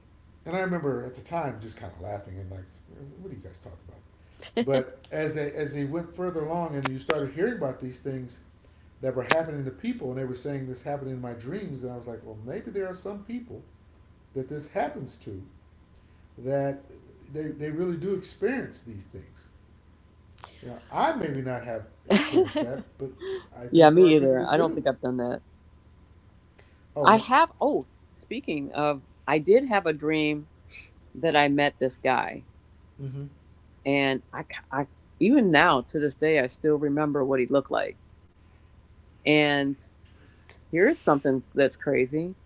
Speaker 1: And I remember at the time just kind of laughing and like, what are you guys talking about? But as they as they went further along and you started hearing about these things that were happening to people and they were saying this happened in my dreams and I was like, well, maybe there are some people that this happens to that they, they really do experience these things. You know, I maybe not have experienced that, but I
Speaker 2: Yeah,
Speaker 1: think there are
Speaker 2: me
Speaker 1: people
Speaker 2: either.
Speaker 1: that
Speaker 2: I don't think
Speaker 1: do.
Speaker 2: I've done that.
Speaker 1: Oh
Speaker 2: I
Speaker 1: no.
Speaker 2: have oh, speaking of, I did have a dream that I met this guy
Speaker 1: Mm-hmm.
Speaker 2: and I, c- I- even now to this day I still remember what he looked like. And here's something that's crazy.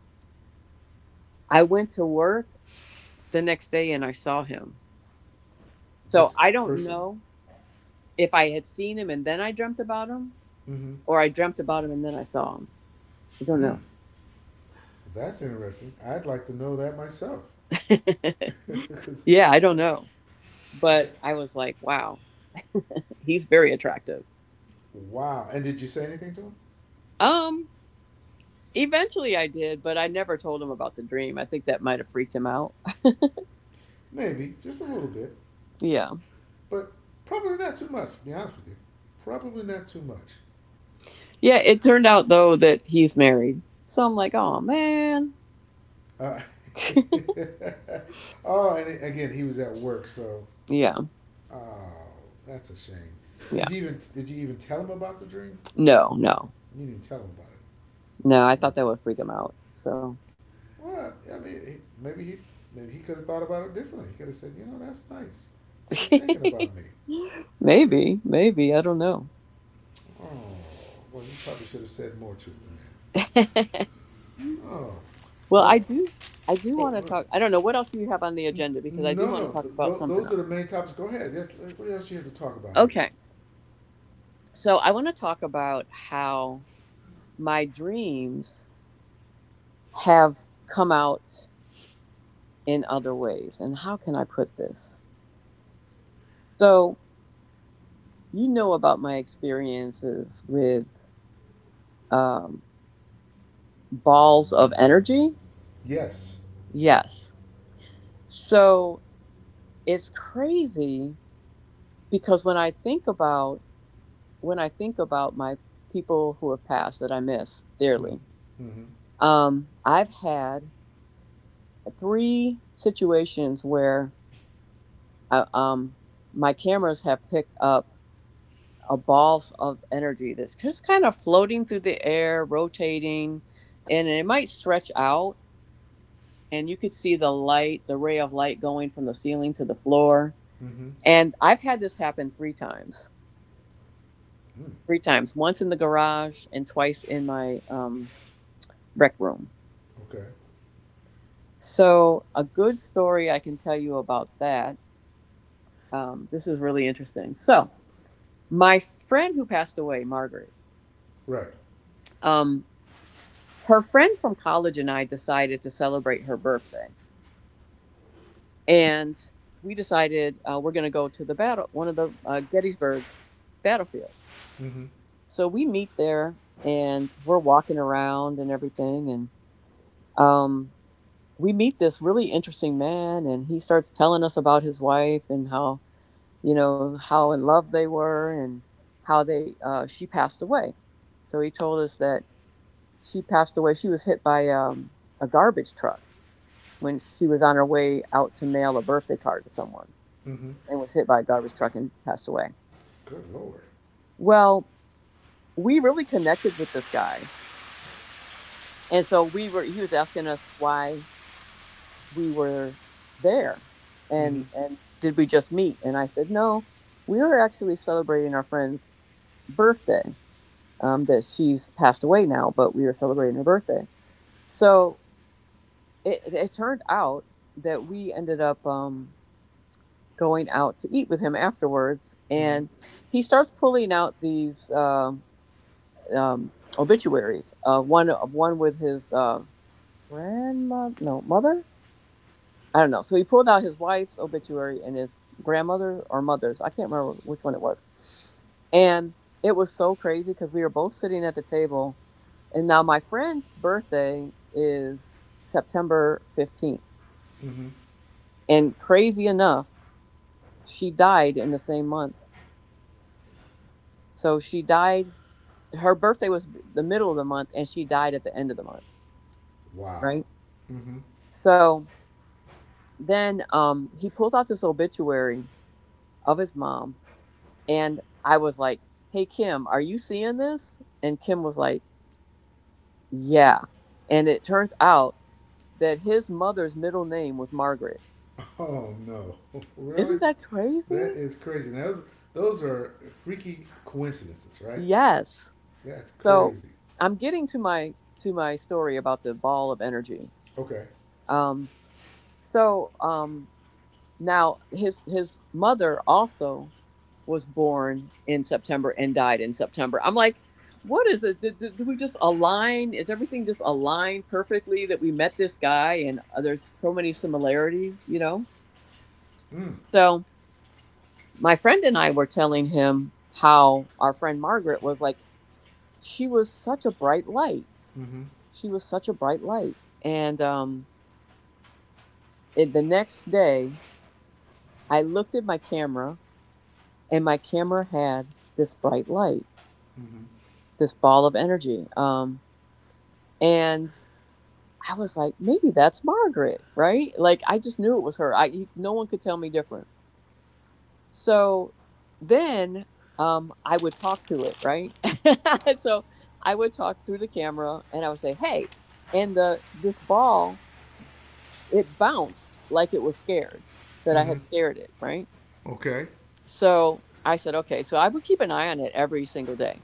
Speaker 2: I went to work the next day and I saw him. So
Speaker 1: This
Speaker 2: I don't
Speaker 1: person.
Speaker 2: know if I had seen him and then I dreamt about him
Speaker 1: Mm-hmm.
Speaker 2: or I dreamt about him and then I saw him. I don't
Speaker 1: Mm,
Speaker 2: know.
Speaker 1: that's interesting. I'd like to know that myself because,
Speaker 2: Yeah, I don't know. But
Speaker 1: that,
Speaker 2: I was like, wow, he's very attractive.
Speaker 1: wow. And did you say anything to him?
Speaker 2: Um Eventually I did, but I never told him about the dream. I think that might have freaked him out.
Speaker 1: Maybe, just a little bit,
Speaker 2: Yeah.
Speaker 1: but probably not too much, to be honest with you. Probably not too much.
Speaker 2: Yeah, it turned out though that he's married. So I'm like, oh man.
Speaker 1: Uh, oh, and again, he was at work, so
Speaker 2: Yeah,
Speaker 1: oh, that's a shame.
Speaker 2: yeah.
Speaker 1: Did you even did you even tell him about the dream?
Speaker 2: No, no.
Speaker 1: You didn't tell him about
Speaker 2: No, I thought that would freak him out. So
Speaker 1: it. Well, I mean, maybe he maybe he could have thought about it differently. He could have said, you know, that's nice. She's thinking about me. Yeah.
Speaker 2: maybe, maybe. I don't know.
Speaker 1: Oh, well, you probably should have said more to it than that. Oh,
Speaker 2: Well, I
Speaker 1: well,
Speaker 2: do I do
Speaker 1: oh,
Speaker 2: want to
Speaker 1: uh,
Speaker 2: talk. I don't know what else do you have on the agenda because I do
Speaker 1: no,
Speaker 2: want to
Speaker 1: no,
Speaker 2: talk
Speaker 1: th-
Speaker 2: about something
Speaker 1: those
Speaker 2: else.
Speaker 1: are the main topics. Go ahead. Yes, uh, what else she has to talk about here?
Speaker 2: Okay. So I want to talk about how my dreams have come out in other ways and how can I put this? So you know about my experiences with um, balls of energy.
Speaker 1: Yes.
Speaker 2: Yes. So it's crazy because when I think about when I think about my people who have passed that I miss
Speaker 1: Mm.
Speaker 2: dearly,
Speaker 1: Mm-hmm.
Speaker 2: um, I've had three situations where I, um, my cameras have picked up a ball of energy that's just kind of floating through the air, rotating, and it might stretch out and you could see the light, the ray of light going from the ceiling to the floor.
Speaker 1: Mm-hmm.
Speaker 2: And I've had this happen three times.
Speaker 1: Mm.
Speaker 2: Three times, once in the garage and twice in my um, rec room.
Speaker 1: Okay.
Speaker 2: So, a good story I can tell you about that. Um, this is really interesting. So, my friend who passed away, Margaret,
Speaker 1: Right.
Speaker 2: um, her friend from college and I decided to celebrate her birthday. And we decided uh, we're going to go to the battle, one of the uh, Gettysburg battlefield.
Speaker 1: Mm-hmm.
Speaker 2: So we meet there and we're walking around and everything. And um, we meet this really interesting man, and he starts telling us about his wife and how, you know, how in love they were and how they, uh, she passed away. So he told us that she passed away. She was hit by um, a garbage truck when she was on her way out to mail a birthday card to someone
Speaker 1: Mm-hmm.
Speaker 2: and was hit by a garbage truck and passed away.
Speaker 1: Good lord.
Speaker 2: Well, we really connected with this guy and so we were he was asking us why we were there
Speaker 1: Mm-hmm.
Speaker 2: and and did we just meet, and I said no, we were actually celebrating our friend's birthday, um, that she's passed away now, but we were celebrating her birthday. So it, it turned out that we ended up um, going out to eat with him afterwards,
Speaker 1: Mm-hmm.
Speaker 2: and he starts pulling out these um, um, obituaries, uh, one one with his uh, grandmother, no, mother. I don't know. So he pulled out his wife's obituary and his grandmother or mother's. I can't remember which one it was. And it was so crazy because we were both sitting at the table. And now my friend's birthday is September fifteenth.
Speaker 1: Mm-hmm.
Speaker 2: And crazy enough, she died in the same month. So she died, her birthday was the middle of the month and she died at the end of the month.
Speaker 1: Wow.
Speaker 2: Right.
Speaker 1: Mm-hmm.
Speaker 2: So then um, he pulls out this obituary of his mom. And I was like, hey, Kim, are you seeing this? And Kim was like, yeah. And it turns out that his mother's middle name was Margaret.
Speaker 1: Oh no. Really?
Speaker 2: Isn't that
Speaker 1: That
Speaker 2: crazy?
Speaker 1: is crazy. Now, those, those are freaky coincidences, right?
Speaker 2: Yes.
Speaker 1: That's
Speaker 2: So
Speaker 1: crazy.
Speaker 2: I'm getting to my to my story about the ball of energy.
Speaker 1: Okay.
Speaker 2: Um, so um, now his his mother also was born in September and died in September. I'm like, what is it? Did, did, did we just align? Is everything just aligned perfectly that we met this guy and uh, there's so many similarities, you know?
Speaker 1: Mm.
Speaker 2: So my friend and I were telling him how our friend Margaret was like, she was such a bright light.
Speaker 1: Mm-hmm.
Speaker 2: She was such a bright light. And um, it, the next day, I looked at my camera and my camera had this bright light,
Speaker 1: Mm-hmm.
Speaker 2: this ball of energy. Um, and I was like, maybe that's Margaret, right? Like I just knew it was her. I You- no one could tell me different. So then um I would talk to it, right? So I would talk through the camera and I would say, "Hey." And the this ball, it bounced like it was scared, that I
Speaker 1: Mm-hmm.
Speaker 2: had scared it, right?
Speaker 1: Okay.
Speaker 2: So I said, "Okay." So I would keep an eye on it every single day.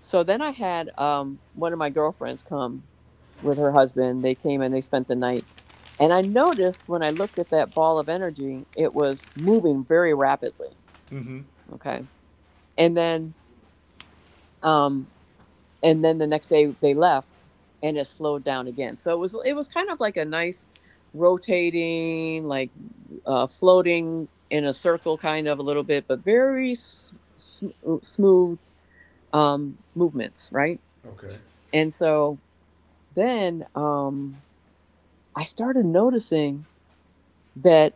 Speaker 2: So then I had um, one of my girlfriends come with her husband. They came and they spent the night. And I noticed when I looked at that ball of energy, it was moving very rapidly.
Speaker 1: Mm-hmm.
Speaker 2: Okay. And then, um, and then the next day they left and it slowed down again. So it was, it was kind of like a nice rotating, like uh, floating in a circle kind of a little bit, but very s- sm- smooth um, movements. Right.
Speaker 1: Okay.
Speaker 2: And so then um, I started noticing that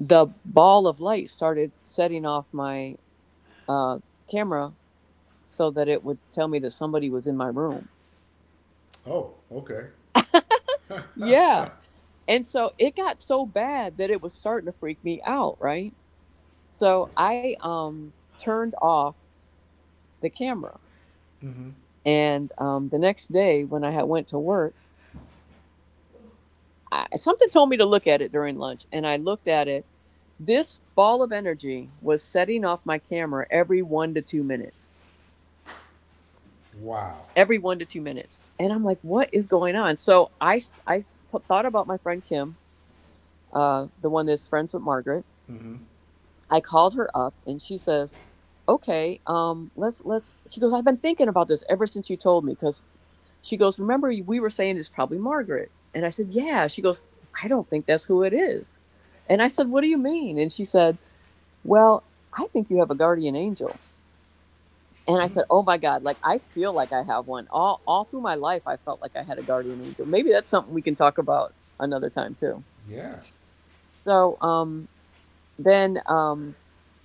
Speaker 2: the ball of light started setting off my uh, camera so that it would tell me that somebody was in my room.
Speaker 1: Oh, okay.
Speaker 2: Yeah. And so it got so bad that it was starting to freak me out, right? So I um, turned off the camera.
Speaker 1: Mm-hmm.
Speaker 2: And um, the next day, when I had went to work, I, something told me to look at it during lunch, and I looked at it. This ball of energy was setting off my camera every one to two minutes.
Speaker 1: Wow.
Speaker 2: Every one to two minutes, and I'm like, "What is going on?" So I I th- thought about my friend Kim, uh, the one that's friends with Margaret.
Speaker 1: Mm-hmm.
Speaker 2: I called her up, and she says, "Okay, um, let's let's." She goes, "I've been thinking about this ever since you told me because" she goes, "Remember, we were saying it's probably Margaret." And I said, "Yeah." She goes, "I don't think that's who it is." And I said, "What do you mean?" And she said, Well, I think you have a guardian angel. And I said, Oh my God, like I feel like I have one. All all through my life I felt like I had a guardian angel. Maybe that's something we can talk about another time too.
Speaker 1: Yeah.
Speaker 2: So um then um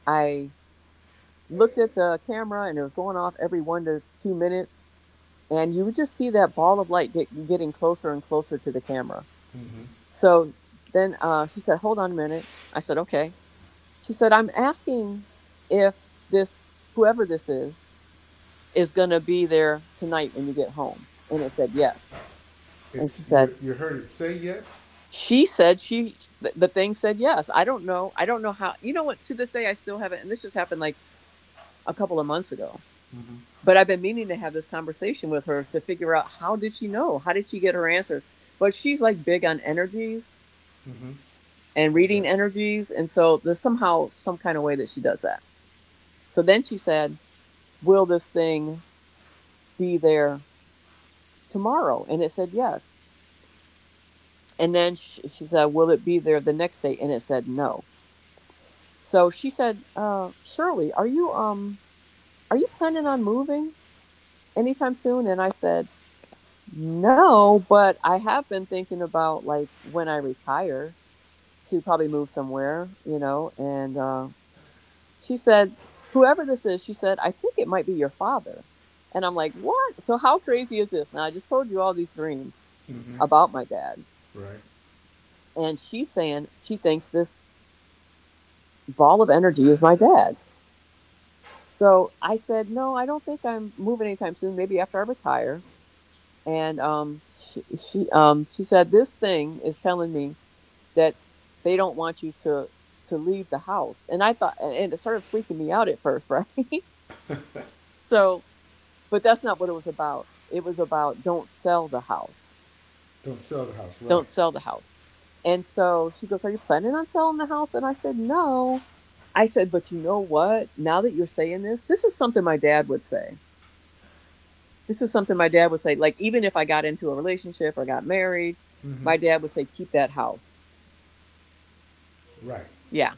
Speaker 2: I looked at the camera and it was going off every one to two minutes. And you would just see that ball of light get, getting closer and closer to the camera.
Speaker 1: Mm-hmm.
Speaker 2: So then uh, she said, Hold on a minute. I said, Okay. She said, I'm asking if this, whoever this is, is going to be there tonight when you get home. And it said, Yes. And she
Speaker 1: It's
Speaker 2: said,
Speaker 1: you. You heard it say yes.
Speaker 2: she said she th- the thing said yes. I don't know i don't know how. You know what, to this day I still haven't, and this just happened like a couple of months ago,
Speaker 1: Mm-hmm.
Speaker 2: but I've been meaning to have this conversation with her to figure out, how did she know? How did she get her answers? But she's like big on energies
Speaker 1: Mm-hmm.
Speaker 2: and reading
Speaker 1: Okay.
Speaker 2: energies. And so there's somehow some kind of way that she does that. So then she said, Will this thing be there tomorrow? And it said, Yes. And then she, she said, Will it be there the next day? And it said, No. So she said, uh, Shirley, are you, um, are you planning on moving anytime soon? And I said, No, but I have been thinking about like when I retire to probably move somewhere, you know, and uh, She said, Whoever this is, she said, I think it might be your father. And I'm like, What? So how crazy is this? Now I just told you all these dreams about my
Speaker 1: Mm-hmm.
Speaker 2: dad.
Speaker 1: Right.
Speaker 2: And she's saying she thinks this ball of energy is my dad. So I said, No, I don't think I'm moving anytime soon, maybe after I retire. And um she, she um she said, This thing is telling me that they don't want you to to leave the house. And I thought, and, and it started freaking me out at first, right? So, but that's not what it was about. It was about don't sell the house.
Speaker 1: Don't sell the house. Right.
Speaker 2: Don't sell the house. And so she goes, Are you planning on selling the house? And I said, No. I said, But you know what? Now that you're saying this, this is something my dad would say. This is something my dad would say. Like, even if I got into a relationship or got married,
Speaker 1: Mm-hmm.
Speaker 2: my dad would say, Keep that house.
Speaker 1: Right.
Speaker 2: Yeah.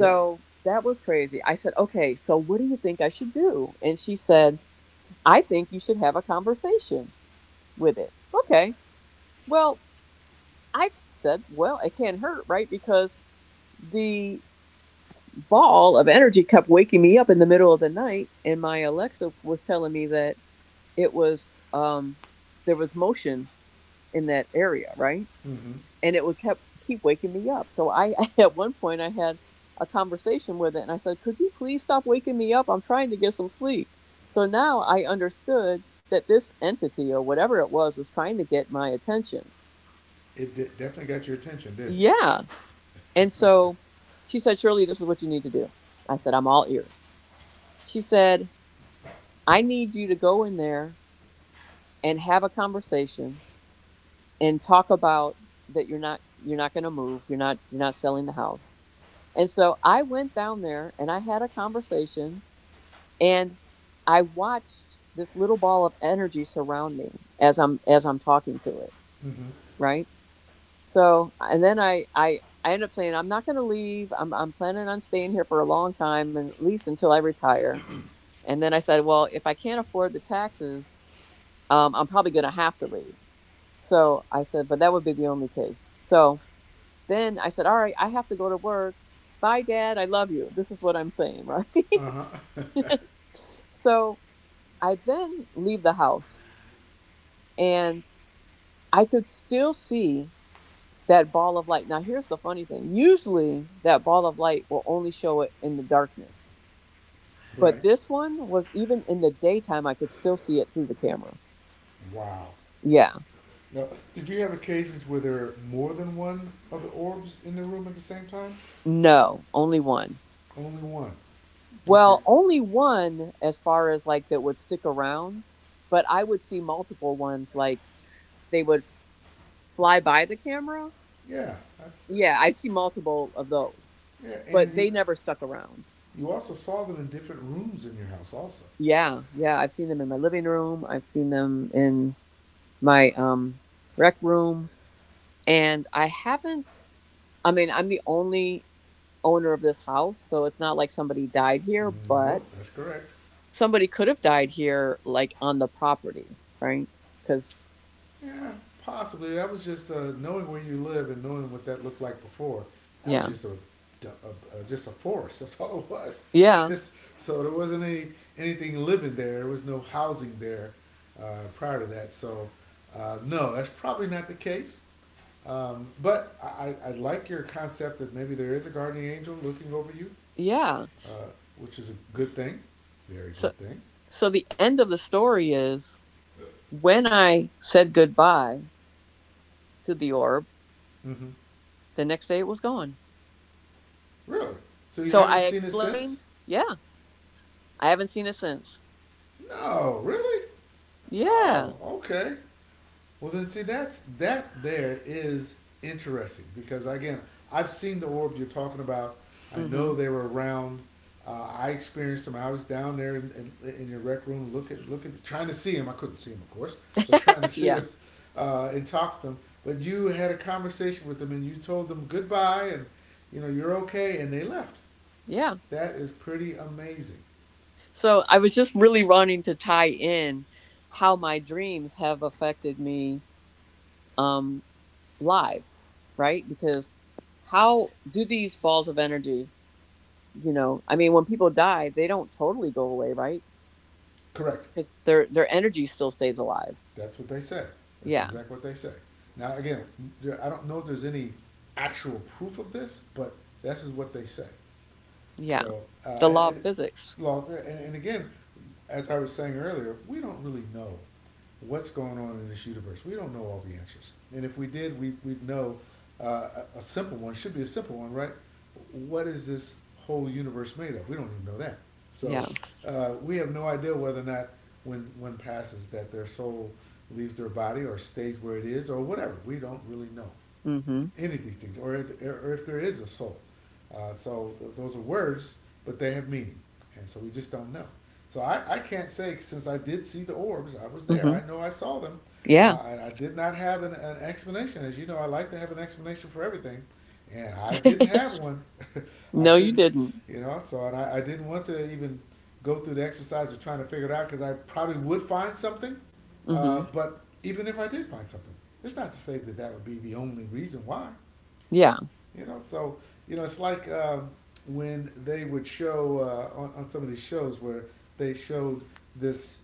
Speaker 1: Yep.
Speaker 2: that was crazy. I said, Okay, so what do you think I should do? And she said, I think you should have a conversation with it. Okay. Well, I said, well, it can't hurt, right? Because the ball of energy kept waking me up in the middle of the night, and my Alexa was telling me that it was um there was motion in that area, right?
Speaker 1: Mm-hmm.
Speaker 2: And it would kept keep waking me up. So I at one point I had a conversation with it, and I said, "Could you please stop waking me up? I'm trying to get some sleep." So now I understood that this entity or whatever it was was trying to get my attention.
Speaker 1: It de- definitely got your attention, didn't it?
Speaker 2: Yeah. And so she said, Shirley, this is what you need to do. I said, I'm all ears. She said, I need you to go in there and have a conversation and talk about that you're not you're not going to move, you're not you're not selling the house. And so I went down there and I had a conversation, and I watched this little ball of energy surround me as i'm as i'm talking to it, right? So, and then I I I end up saying I'm not going to leave. I'm I'm planning on staying here for a long time, and at least until I retire. And then I said, well, if I can't afford the taxes, um, I'm probably going to have to leave. So I said, but that would be the only case. So then I said, all right, I have to go to work. Bye, Dad. I love you. This is what I'm saying, right?
Speaker 1: Uh-huh.
Speaker 2: So I then leave the house, and I could still see that ball of light. Now, here's the funny thing. Usually, that ball of light will only show it in the darkness. But
Speaker 1: Right.
Speaker 2: this one was even in the daytime, I could still see it through the camera.
Speaker 1: Wow.
Speaker 2: Yeah.
Speaker 1: Now, did you have occasions where there were more than one of the orbs in the room at the same time?
Speaker 2: No, only one.
Speaker 1: Only one. Okay.
Speaker 2: Well, only one as far as like that would stick around, but I would see multiple ones like they would fly by the camera.
Speaker 1: Yeah. That's,
Speaker 2: Yeah, I'd see multiple of those,
Speaker 1: yeah,
Speaker 2: but
Speaker 1: and
Speaker 2: they
Speaker 1: you
Speaker 2: never stuck around.
Speaker 1: you also saw them in different rooms in your house also.
Speaker 2: Yeah, yeah, I've seen them in my living room. I've seen them in my um rec room. And I haven't, I mean, I'm the only owner of this house, so it's not like somebody died here, but
Speaker 1: Nope, that's correct.
Speaker 2: somebody could have died here like on the property, right? Cuz
Speaker 1: Yeah, possibly. That was just uh, knowing where you live and knowing what that looked like before. That was
Speaker 2: yeah,
Speaker 1: just a, a, a just a forest. That's all it was.
Speaker 2: yeah,
Speaker 1: Just so there wasn't any anything living there. There was no housing there uh, prior to that. So uh, no, that's probably not the case. Um, but I I like your concept that maybe there is a guardian angel looking over you.
Speaker 2: yeah.
Speaker 1: uh, which is a good thing, very good
Speaker 2: so
Speaker 1: thing.
Speaker 2: so the end of the story is, when I said goodbye to the orb,
Speaker 1: Mm-hmm.
Speaker 2: the next day it was gone.
Speaker 1: Really? So you
Speaker 2: So
Speaker 1: haven't
Speaker 2: I
Speaker 1: seen it since?
Speaker 2: explained, yeah, I haven't seen it since.
Speaker 1: No, really?
Speaker 2: Yeah.
Speaker 1: Oh, okay. Well, then see that's that there is interesting because again I've seen the orb you're talking about. I know
Speaker 2: Mhm.
Speaker 1: they were around. Uh, I experienced them. I was down there in, in, in your rec room looking, looking, trying to see them. I couldn't see them, of course, but trying to see
Speaker 2: Yeah,
Speaker 1: them uh, and talk to them. But you had a conversation with them and you told them goodbye and you know you're okay and they left.
Speaker 2: yeah.
Speaker 1: That is pretty amazing.
Speaker 2: So I was just really wanting to tie in how my dreams have affected me, um, live, right? Because how do these balls of energy, you know, I mean, when people die, they don't totally go away, right?
Speaker 1: Correct.
Speaker 2: Because their their energy still stays alive.
Speaker 1: That's what they say. That's
Speaker 2: Yeah,
Speaker 1: exactly what they say. Now, again, I don't know if there's any actual proof of this, but this is what they say.
Speaker 2: yeah.
Speaker 1: So, uh,
Speaker 2: The
Speaker 1: and,
Speaker 2: law of
Speaker 1: and,
Speaker 2: physics.
Speaker 1: look, and, and again, as I was saying earlier, we don't really know what's going on in this universe. We don't know all the answers. And if we did, we, we'd know uh, a, a simple one, should be a simple one, right? What is this whole universe made of? We don't even know that. So
Speaker 2: Yeah.
Speaker 1: uh, we have no idea whether or not when one passes that their soul leaves their body or stays where it is or whatever. We don't really know
Speaker 2: Mm-hmm.
Speaker 1: any of these things, or if, or if there is a soul. Uh, so th- those are words, but they have meaning, and so we just don't know. So I, I can't say since I did see the orbs, I was there.
Speaker 2: Mm-hmm.
Speaker 1: I know I saw them.
Speaker 2: Yeah.
Speaker 1: Uh, and I did not have an, an explanation. As you know, I like to have an explanation for everything, and I didn't have one. I
Speaker 2: No, you
Speaker 1: couldn't,
Speaker 2: didn't.
Speaker 1: you know. So and I, I didn't want to even go through the exercise of trying to figure it out because I probably would find something uh,
Speaker 2: Mm-hmm.
Speaker 1: but even if I did find something, it's not to say that that would be the only reason why.
Speaker 2: Yeah.
Speaker 1: You know, so you know, it's like um when they would show uh, on on some of these shows where they showed this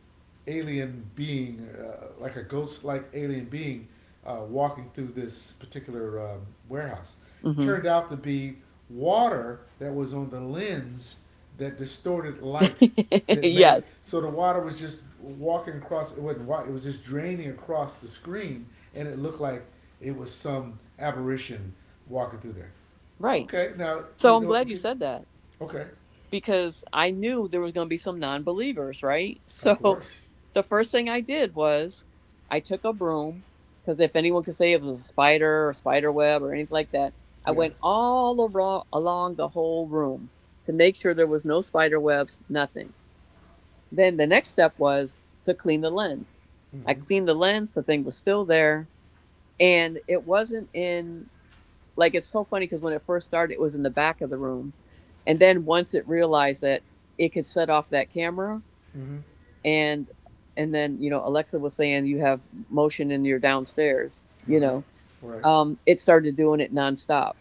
Speaker 1: alien being, uh, like a ghost-like alien being, uh, walking through this particular um, warehouse. It
Speaker 2: Mm-hmm.
Speaker 1: turned out to be water that was on the lens that distorted light that made it
Speaker 2: Yes.
Speaker 1: so the water was just walking across. It wasn't water, it was just draining across the screen and it looked like it was some apparition walking through there.
Speaker 2: Right.
Speaker 1: Okay, now
Speaker 2: So
Speaker 1: you
Speaker 2: I'm
Speaker 1: know
Speaker 2: glad
Speaker 1: if
Speaker 2: you
Speaker 1: you
Speaker 2: said that,
Speaker 1: okay,
Speaker 2: because I knew there was going to be some non believers, right?
Speaker 1: of
Speaker 2: So
Speaker 1: course,
Speaker 2: the first thing I did was I took a broom, because if anyone could say it was a spider or spider web or anything like that, I
Speaker 1: yeah.
Speaker 2: went all aro- along the whole room to make sure there was no spider webs, nothing. Then the next step was to clean the lens. I
Speaker 1: Mm-hmm.
Speaker 2: cleaned the lens, the thing was still there, and it wasn't in, like, it's so funny because when it first started it was in the back of the room, and then once it realized that it could set off that camera,
Speaker 1: Mm-hmm.
Speaker 2: and and then you know Alexa was saying you have motion in your downstairs. You
Speaker 1: Uh-huh.
Speaker 2: know
Speaker 1: Right.
Speaker 2: um it started doing it nonstop.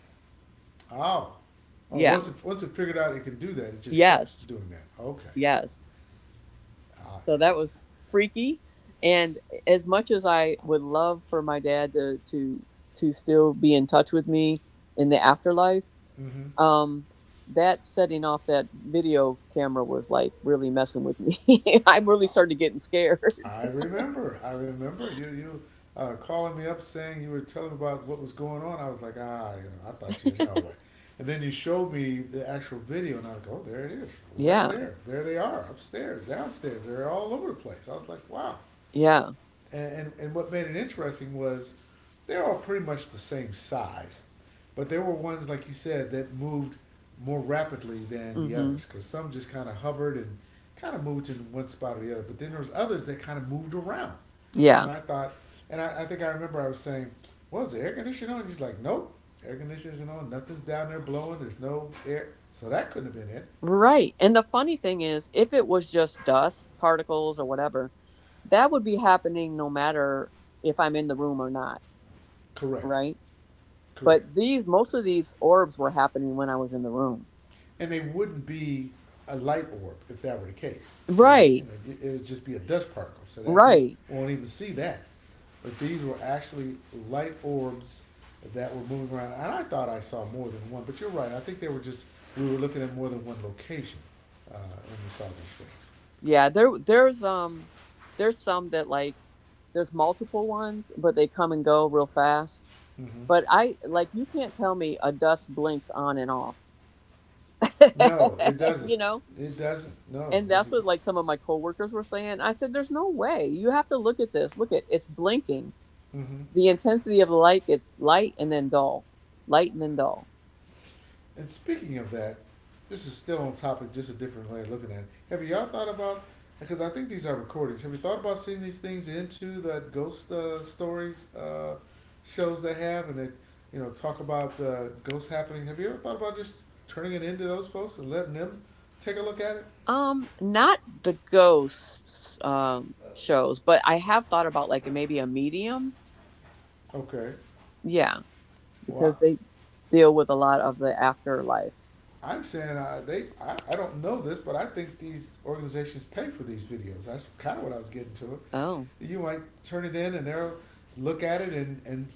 Speaker 1: Oh, oh,
Speaker 2: Yeah,
Speaker 1: once it once it figured out it could do that, it just kept
Speaker 2: yes,
Speaker 1: doing that. Okay.
Speaker 2: yes.
Speaker 1: uh,
Speaker 2: So that was freaky. And as much as I would love for my dad to to to still be in touch with me in the afterlife,
Speaker 1: mm-hmm.
Speaker 2: um that setting off that video camera was like really messing with me. I really
Speaker 1: Oh,
Speaker 2: started getting scared.
Speaker 1: I remember. I remember you. You uh, calling me up saying you were telling me about what was going on. I was like, ah, you know, I thought you know what. And then you showed me the actual video, and I go, oh, there it is, right
Speaker 2: Yeah.
Speaker 1: there. There they are, upstairs, downstairs. They're all over the place. I was like, wow.
Speaker 2: Yeah.
Speaker 1: And, and, and what made it interesting was they're all pretty much the same size, but there were ones, like you said, that moved more rapidly than the
Speaker 2: Hmm.
Speaker 1: others because some just kind of hovered and kind of moved in one spot or the other. But then there was others that kind of moved around.
Speaker 2: Yeah,
Speaker 1: And I thought, and I, I think I remember I was saying, well, is the air conditioning on? And he's like, nope, air conditioning isn't on. Nothing's down there blowing. There's no air. So that couldn't have been it.
Speaker 2: right. And the funny thing is, if it was just dust particles or whatever, that would be happening no matter if I'm in the room or not,
Speaker 1: Correct.
Speaker 2: right? But
Speaker 1: Correct.
Speaker 2: these most of these orbs were happening when I was in the room.
Speaker 1: And they wouldn't be a light orb if that were the case, because you
Speaker 2: Right,
Speaker 1: know it- would just be a dust particle, so that you
Speaker 2: right.
Speaker 1: won't even see that. But these were actually light orbs that were moving around, and I thought I saw more than one. But you're right; I think they were just we were looking at more than one location uh, when we saw these things.
Speaker 2: Yeah, there there's um there's some that, like, there's multiple ones, but they come and go real fast.
Speaker 1: Hmm.
Speaker 2: But I, like, you can't tell me a dust blinks on and off.
Speaker 1: No, it doesn't.
Speaker 2: You know?
Speaker 1: It doesn't. No,
Speaker 2: And
Speaker 1: that's.
Speaker 2: that's what like some of my coworkers were saying. I said there's no way. You have to look at this. Look at it's blinking.
Speaker 1: Hmm.
Speaker 2: The intensity of the light gets light and then dull. Light and then dull.
Speaker 1: And speaking of that, this is still on topic, just a different way of looking at it. Have y'all thought about? Because I think these are recordings. Have you thought about seeing these things into the ghost uh, stories uh, shows they have, and they, you know, talk about uh, ghost happening? Have you ever thought about just turning it into those folks and letting them take a look at it?
Speaker 2: Um not the ghosts um shows, but I have thought about like maybe a medium.
Speaker 1: Okay.
Speaker 2: Yeah.
Speaker 1: What?
Speaker 2: Because they deal with a lot of the afterlife.
Speaker 1: I'm saying uh, they. I, I don't know this, but I think these organizations pay for these videos. That's kind of what I was getting to.
Speaker 2: Oh,
Speaker 1: You might turn it in, and they'll look at it, and and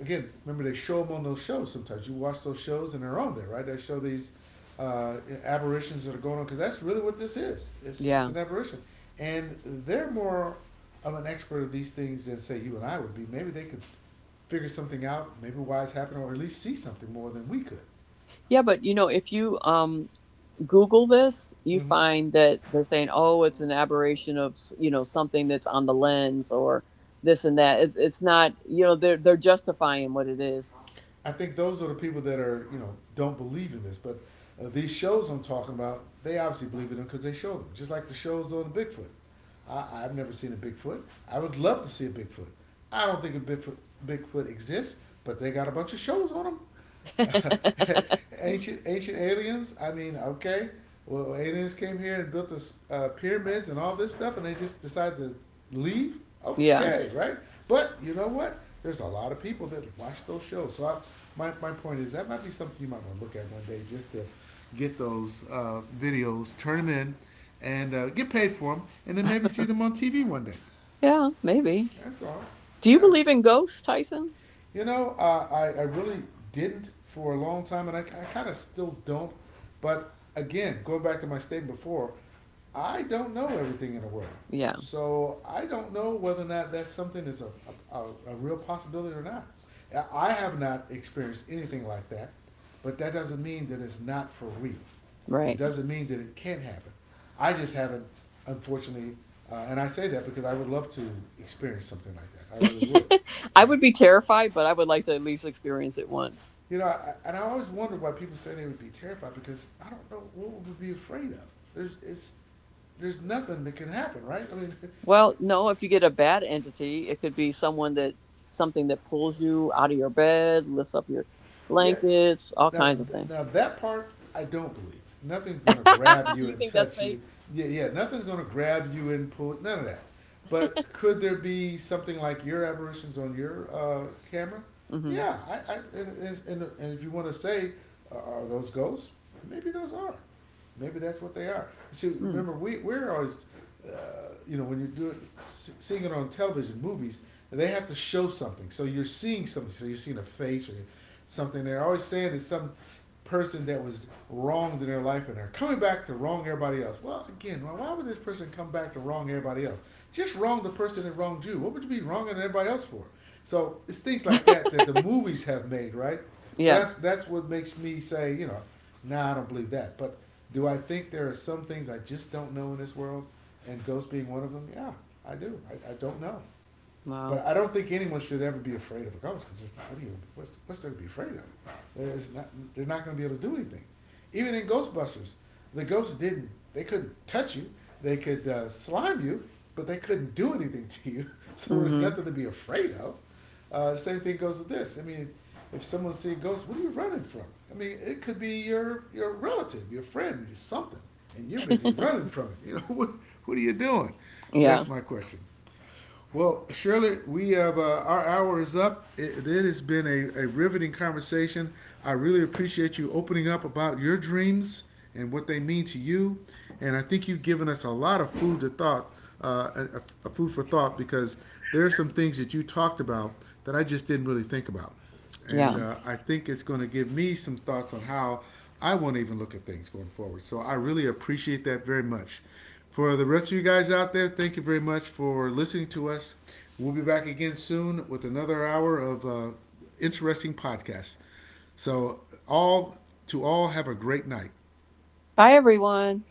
Speaker 1: again, remember they show them on those shows. Sometimes you watch those shows, and they're on there, right? They show these uh, aberrations that are going on because that's really what this is. It's it's
Speaker 2: yeah.
Speaker 1: an aberration, and they're more of an expert of these things than say you and I would be. Maybe they could figure something out, maybe why it's happening, or at least see something more than we could.
Speaker 2: Yeah, but you know, if you um, Google this, you
Speaker 1: Mm-hmm.
Speaker 2: find that they're saying, "Oh, it's an aberration of you know something that's on the lens or this and that." It, it's not, you know, they're they're justifying what it is.
Speaker 1: I think those are the people that are you know don't believe in this, but uh, these shows I'm talking about, they obviously believe in them because they show them. Just like the shows on Bigfoot. I, I've never seen a Bigfoot. I would love to see a Bigfoot. I don't think a Bigfoot Bigfoot exists, but they got a bunch of shows on them. Ancient ancient aliens. I mean, okay, well, aliens came here and built us uh, pyramids and all this stuff, and they just decided to leave.
Speaker 2: Yeah,
Speaker 1: Okay, right? But you know what? There's a lot of people that watch those shows. So I, my my point is that might be something you might want to look at one day just to get those uh, videos, turn them in, and uh, get paid for them, and then maybe see them on T V one day.
Speaker 2: yeah, maybe.
Speaker 1: That's all.
Speaker 2: Do you
Speaker 1: Yeah,
Speaker 2: believe in ghosts, Tyson?
Speaker 1: you know, uh, I, I really didn't for a long time, and I, I kind of still don't. But again, going back to my statement before, I don't know everything in the world.
Speaker 2: Yeah,
Speaker 1: So I don't know whether or not that's something that's a, a, a real possibility or not. I- I have not experienced anything like that, but that doesn't mean that it's not for real. It
Speaker 2: right.
Speaker 1: doesn't mean that it can't happen. I just haven't, unfortunately, uh, and I say that because I would love to experience something like that. I really would.
Speaker 2: I would be terrified, but I would like to at least experience it once.
Speaker 1: You know, I, and I always wondered why people say they would be terrified because I don't know what we would be afraid of. There's it's there's nothing that can happen, right? I mean,
Speaker 2: Well, no, if you get a bad entity, it could be someone that something that pulls you out of your bed, lifts up your
Speaker 1: yeah.
Speaker 2: blankets, all
Speaker 1: Now,
Speaker 2: kinds of things.
Speaker 1: now that part I don't believe. Nothing's going to grab you
Speaker 2: You
Speaker 1: and
Speaker 2: think that's
Speaker 1: touch you.
Speaker 2: fake?
Speaker 1: Yeah, yeah. Nothing's going to grab you and pull. None of that. But could there be something like your aberrations on your uh, camera?
Speaker 2: Mm-hmm.
Speaker 1: Yeah, I, I and, and, and if you want to say, uh, are those ghosts? Maybe those are. Maybe that's what they are. See,
Speaker 2: Mm.
Speaker 1: remember, we, we're always, uh, you know, when you're doing, seeing it on television, movies, they have to show something. So you're seeing something. So you're seeing a face or something. They're always saying it's some person that was wronged in their life and are coming back to wrong everybody else. Well, again, why would this person come back to wrong everybody else? Just wrong the person that wronged you. What would you be wronging everybody else for? So it's things like that that the movies have made, right? So
Speaker 2: Yeah.
Speaker 1: that's that's what makes me say, you know, nah, I don't believe that. But do I think there are some things I just don't know in this world, and ghosts being one of them? Yeah, I do. I, I don't know.
Speaker 2: Wow.
Speaker 1: But I don't think anyone should ever be afraid of a ghost because there's what do you what's what's there to be afraid of? There's not they're not going to be able to do anything. Even in Ghostbusters, the ghosts didn't they couldn't touch you. They could uh, slime you, but they couldn't do anything to you. So there's
Speaker 2: Mm-hmm.
Speaker 1: nothing to be afraid of. Uh, same thing goes with this. I mean, if someone's seeing ghosts, what are you running from? I mean, it could be your your relative, your friend, something, and you're busy running from it. You know, what what are you doing? So
Speaker 2: Yeah.
Speaker 1: that's my question. Well, Shirley, we have uh, our hour is up. It, it has been a, a riveting conversation. I really appreciate you opening up about your dreams and what they mean to you. And I think you've given us a lot of food to thought, uh, a, a food for thought, because there are some things that you talked about that I just didn't really think about and
Speaker 2: Yeah.
Speaker 1: uh, I think it's going to give me some thoughts on how I won't even look at things going forward. So I really appreciate that very much. For the rest of you guys out there, thank you very much for listening to us. We'll be back again soon with another hour of uh, interesting podcasts. So all to all, have a great night.
Speaker 2: Bye, everyone.